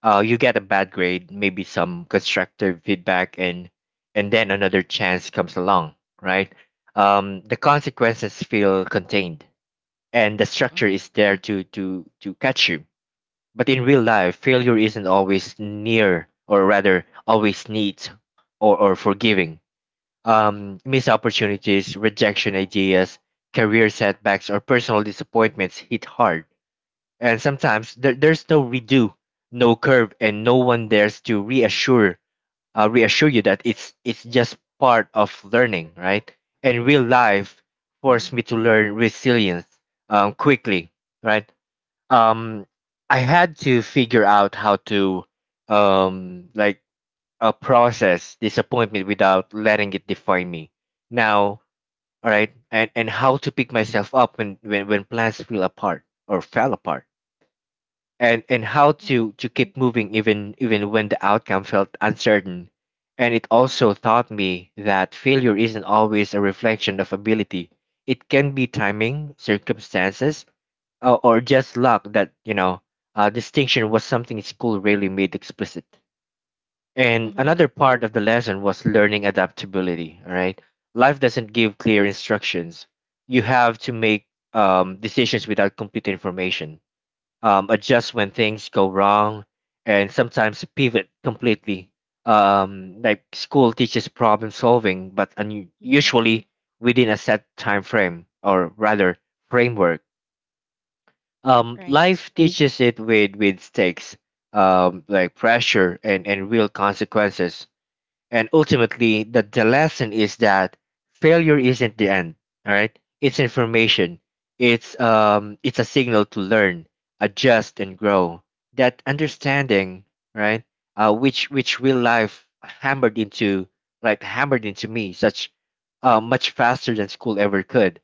S1: Uh, you get a bad grade, maybe some constructive feedback, and and then another chance comes along, right? Um, the consequences feel contained, and the
S2: Mhm.
S1: structure is there to to to catch you. But in real life, failure isn't always near, or rather, always neat or, or forgiving, um, missed opportunities, rejection ideas, career setbacks, or personal disappointments hit hard. And sometimes there, there's no redo, no curve, and no one dares to reassure, uh, reassure you that it's it's just part of learning, right? And real life forced
S2: Mhm.
S1: me to learn resilience, um, quickly, right? Um, I had to figure out how to, um, like, uh, process disappointment without letting it define me now, all right, and and how to pick myself up when when, when plans fell apart or fell apart, and and how
S2: Mhm.
S1: to to keep moving even, even when the outcome felt uncertain. And it also taught me that failure isn't always a reflection of ability. It can be timing, circumstances, uh, or just luck. That you know uh, Distinction was something school really made explicit. And
S2: Mhm.
S1: another part of the lesson was learning adaptability, all right? Life doesn't give clear instructions. You have to make, um, decisions without complete information, um, adjust when things go wrong, and sometimes pivot completely. Um, like school teaches problem solving, but un-
S2: Mhm.
S1: usually within a set time frame, or rather, framework. Um,
S2: Right.
S1: life teaches it with, with stakes, um, like pressure and, and real consequences. And ultimately, the, the lesson is that failure isn't the end. All right, it's information. It's, um, it's a signal to learn, adjust, and grow. That understanding, right? Uh, which which real life hammered into, like hammered into me, such, uh, much faster than school ever could.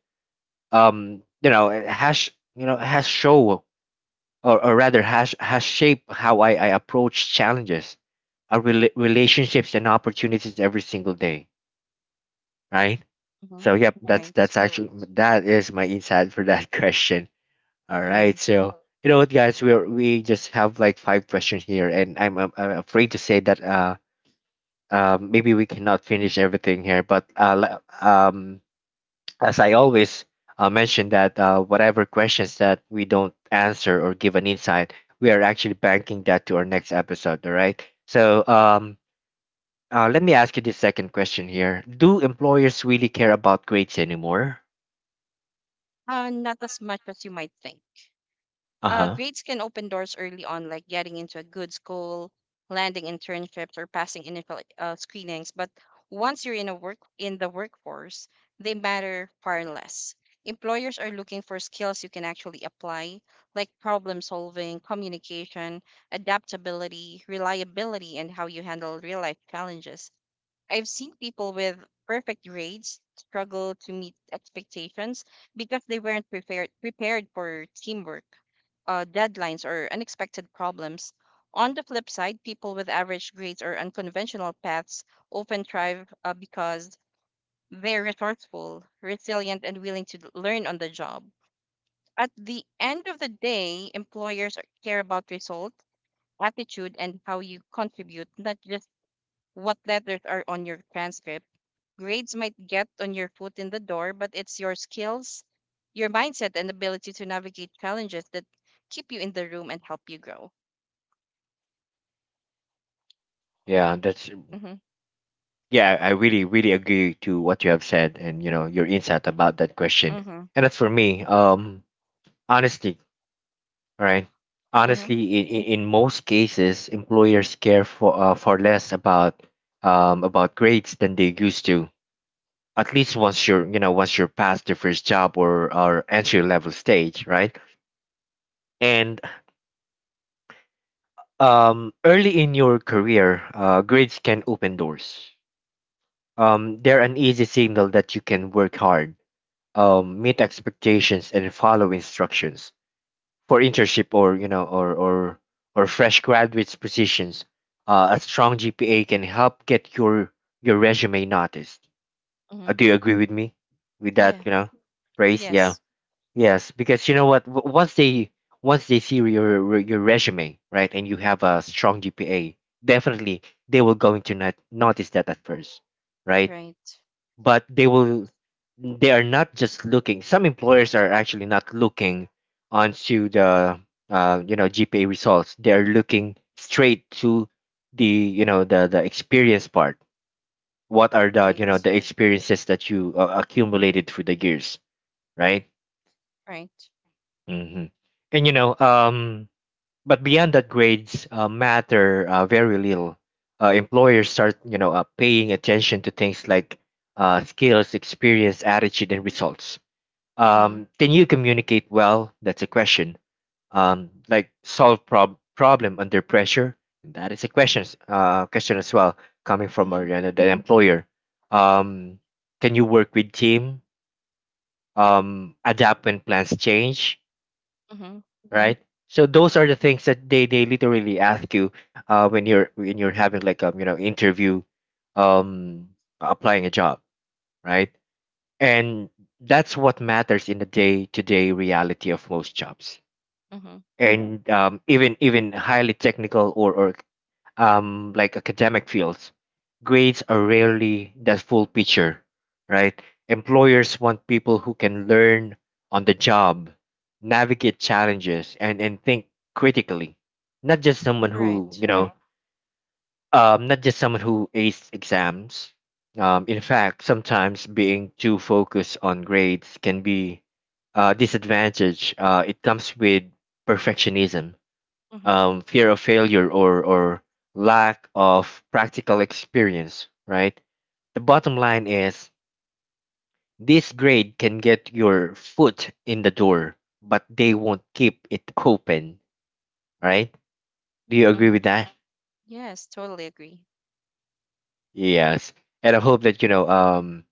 S1: Um, you know, it has, you know, has show, or, or rather, has has shaped how I, I approach challenges, our rela- relationships, and opportunities every single day. Right.
S2: Hmm.
S1: So yep, that's
S2: Right.
S1: that's actually, that is my insight for that <laughs> question. All
S2: Hmm.
S1: right. So you know what, guys, we are, we just have like five questions here, and I'm I'm, I'm afraid to say that uh. Uh, maybe we cannot finish everything here, but uh, le- um, as I always uh, mention that, uh, whatever questions that we don't answer or give an insight, we are actually banking that to our next episode. All right. So um, uh, let me ask you this second question here: do employers really care about grades anymore?
S2: Uh, not as much as you might think.
S1: Uh
S2: Uh,
S1: huh.
S2: grades can open doors early on, like getting into a good school, landing internships, or passing initial uh, screenings. But once you're in a work in the workforce, they matter far less. Employers are looking for skills you can actually apply, like problem solving, communication, adaptability, reliability, and how you handle real life challenges. I've seen people with perfect grades struggle to meet expectations because they weren't prepared prepared for teamwork, uh, deadlines, or unexpected problems. On the flip side, people with average grades or unconventional paths often thrive uh, because they're resourceful, resilient, and willing to learn on the job. At the end of the day, employers care about result, attitude, and how you contribute, not just what letters are on your transcript. Grades might get on your foot in the door, but it's your skills, your mindset, and ability to navigate challenges that keep you in the room and help you grow. Yeah.
S1: Yeah, that's
S2: Mhm.
S1: yeah. I really, really agree to what you have said, and you know your insight about that question.
S2: Mhm.
S1: And as for me, um, honesty, right?
S2: Mhm.
S1: Honestly, in, in most cases, employers care for, uh, for less about, um, about grades than they used to. At least once you're, you know, once you're past your first job, or or entry level stage, right? And um, early in your career, uh, grades can open doors. Um, they're an easy signal that you can work hard, um, meet expectations, and follow instructions for internship, or you know, or or or fresh graduates positions. Uh, a strong G P A can help get your your resume noticed. Uh,
S2: Mhm.
S1: do you agree with me with that,
S2: Yeah.
S1: you know, praise? Yeah?
S2: Yes.
S1: Yes, because you know what, w- once they, once they see your your resume, right, and you have a strong GPA, definitely, they will going to not notice that at first, right?
S2: Right.
S1: But they will, they are not just looking, some employers are actually not looking onto the, uh, you know G P A results, they are looking straight to the, you know, the the experience part. What are the, you know,
S2: Right.
S1: the experiences that you, uh, accumulated through the years, right?
S2: Right.
S1: Hmm. And you know, um, but beyond that, grades uh, matter uh, very little. Uh, employers start, you know, uh, paying attention to things like, uh, skills, experience, attitude, and results.
S2: Mhm.
S1: Um, can you communicate well? That's a question. Um, like solve prob- problem under pressure. That is a question. Uh, question as well, coming from
S2: Mhm.
S1: Mariana, the employer. Um, can you work with team? Um, adapt when plans change,
S2: Mhm.
S1: right? So those are the things that they, they literally ask you, uh, when you're when you're having like a, you know, interview, um, applying a job, right? And that's what matters in the day-to-day reality of most jobs.
S2: Mhm.
S1: And um, even, even highly technical, or, or um, like academic fields, grades are rarely the full picture, right? Employers want people who can learn on the job, navigate challenges, and and think critically, not just someone who,
S2: Right.
S1: you know, um, not just someone who aced exams. Um, in fact, sometimes being too focused on grades can be a disadvantage. Uh, it comes with perfectionism,
S2: Mhm.
S1: um, fear of failure, or, or lack of practical experience, right? The bottom line is this: grade can get your foot in the door, but they won't keep it open, right? Do you agree with
S2: Mhm.
S1: that?
S2: Yes. Totally agree.
S1: Yes. And I hope that, you know, um,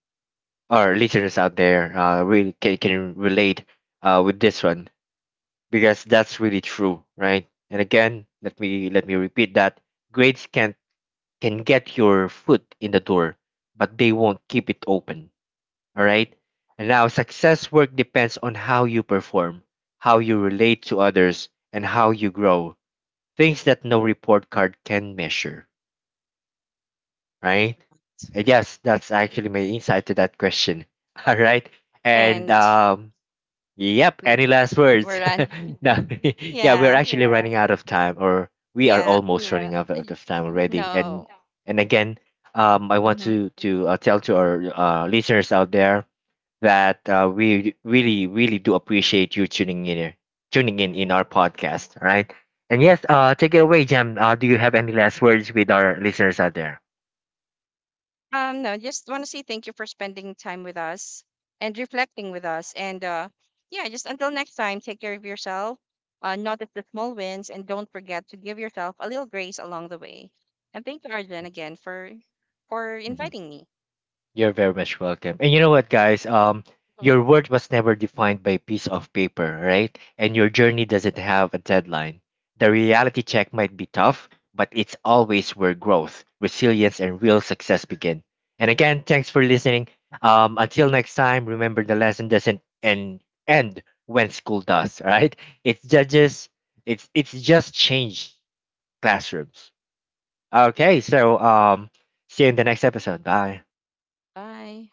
S1: our listeners out there uh, really can, can relate uh, with this one, because that's really true, right? And again, let me let me repeat that, grades can, can get your foot in the door, but they won't keep it open. All right. And now, success work depends on how you perform, how you relate to others, and how you grow. Things that no report card can measure, right? And yes, that's actually my insight to that question. <laughs> All right. And
S2: And
S1: um, yep.
S2: we
S1: Any last
S2: we're
S1: words?
S2: done. <laughs>
S1: <laughs> No. <laughs> Yeah, we're
S2: Yeah.
S1: actually running out of time, or we are
S2: Yeah.
S1: almost running, yeah, out of
S2: Y-
S1: of time already. And,
S2: No.
S1: yeah, and again, um, I want
S2: Mhm.
S1: to to uh, tell to our uh, listeners out there that, uh, we really, really do appreciate you tuning in here, tuning in in our podcast. All right. And yes, uh, take it away, Jam. Uh, do you have any last words with our listeners out there?
S2: Um, no, just want to say thank you for spending time with us and reflecting with us. And uh, yeah, just until next time, take care of yourself, uh, notice the small wins, and don't forget to give yourself a little grace along the way. And thank you, Arjun, again for for
S1: Mhm.
S2: inviting me.
S1: You're very much welcome. And you know what, guys? Um,
S2: Mhm.
S1: your worth was never defined by a piece of paper, right? And your journey doesn't have a deadline. The reality check might be tough, but it's always where growth, resilience, and real success begin. And again, thanks for listening. Um, until next time, remember the lesson doesn't end end when school does, <laughs> all right? It's judges. It's, it's just changed classrooms. Okay, so um, see you in the next episode. Bye.
S2: Bye.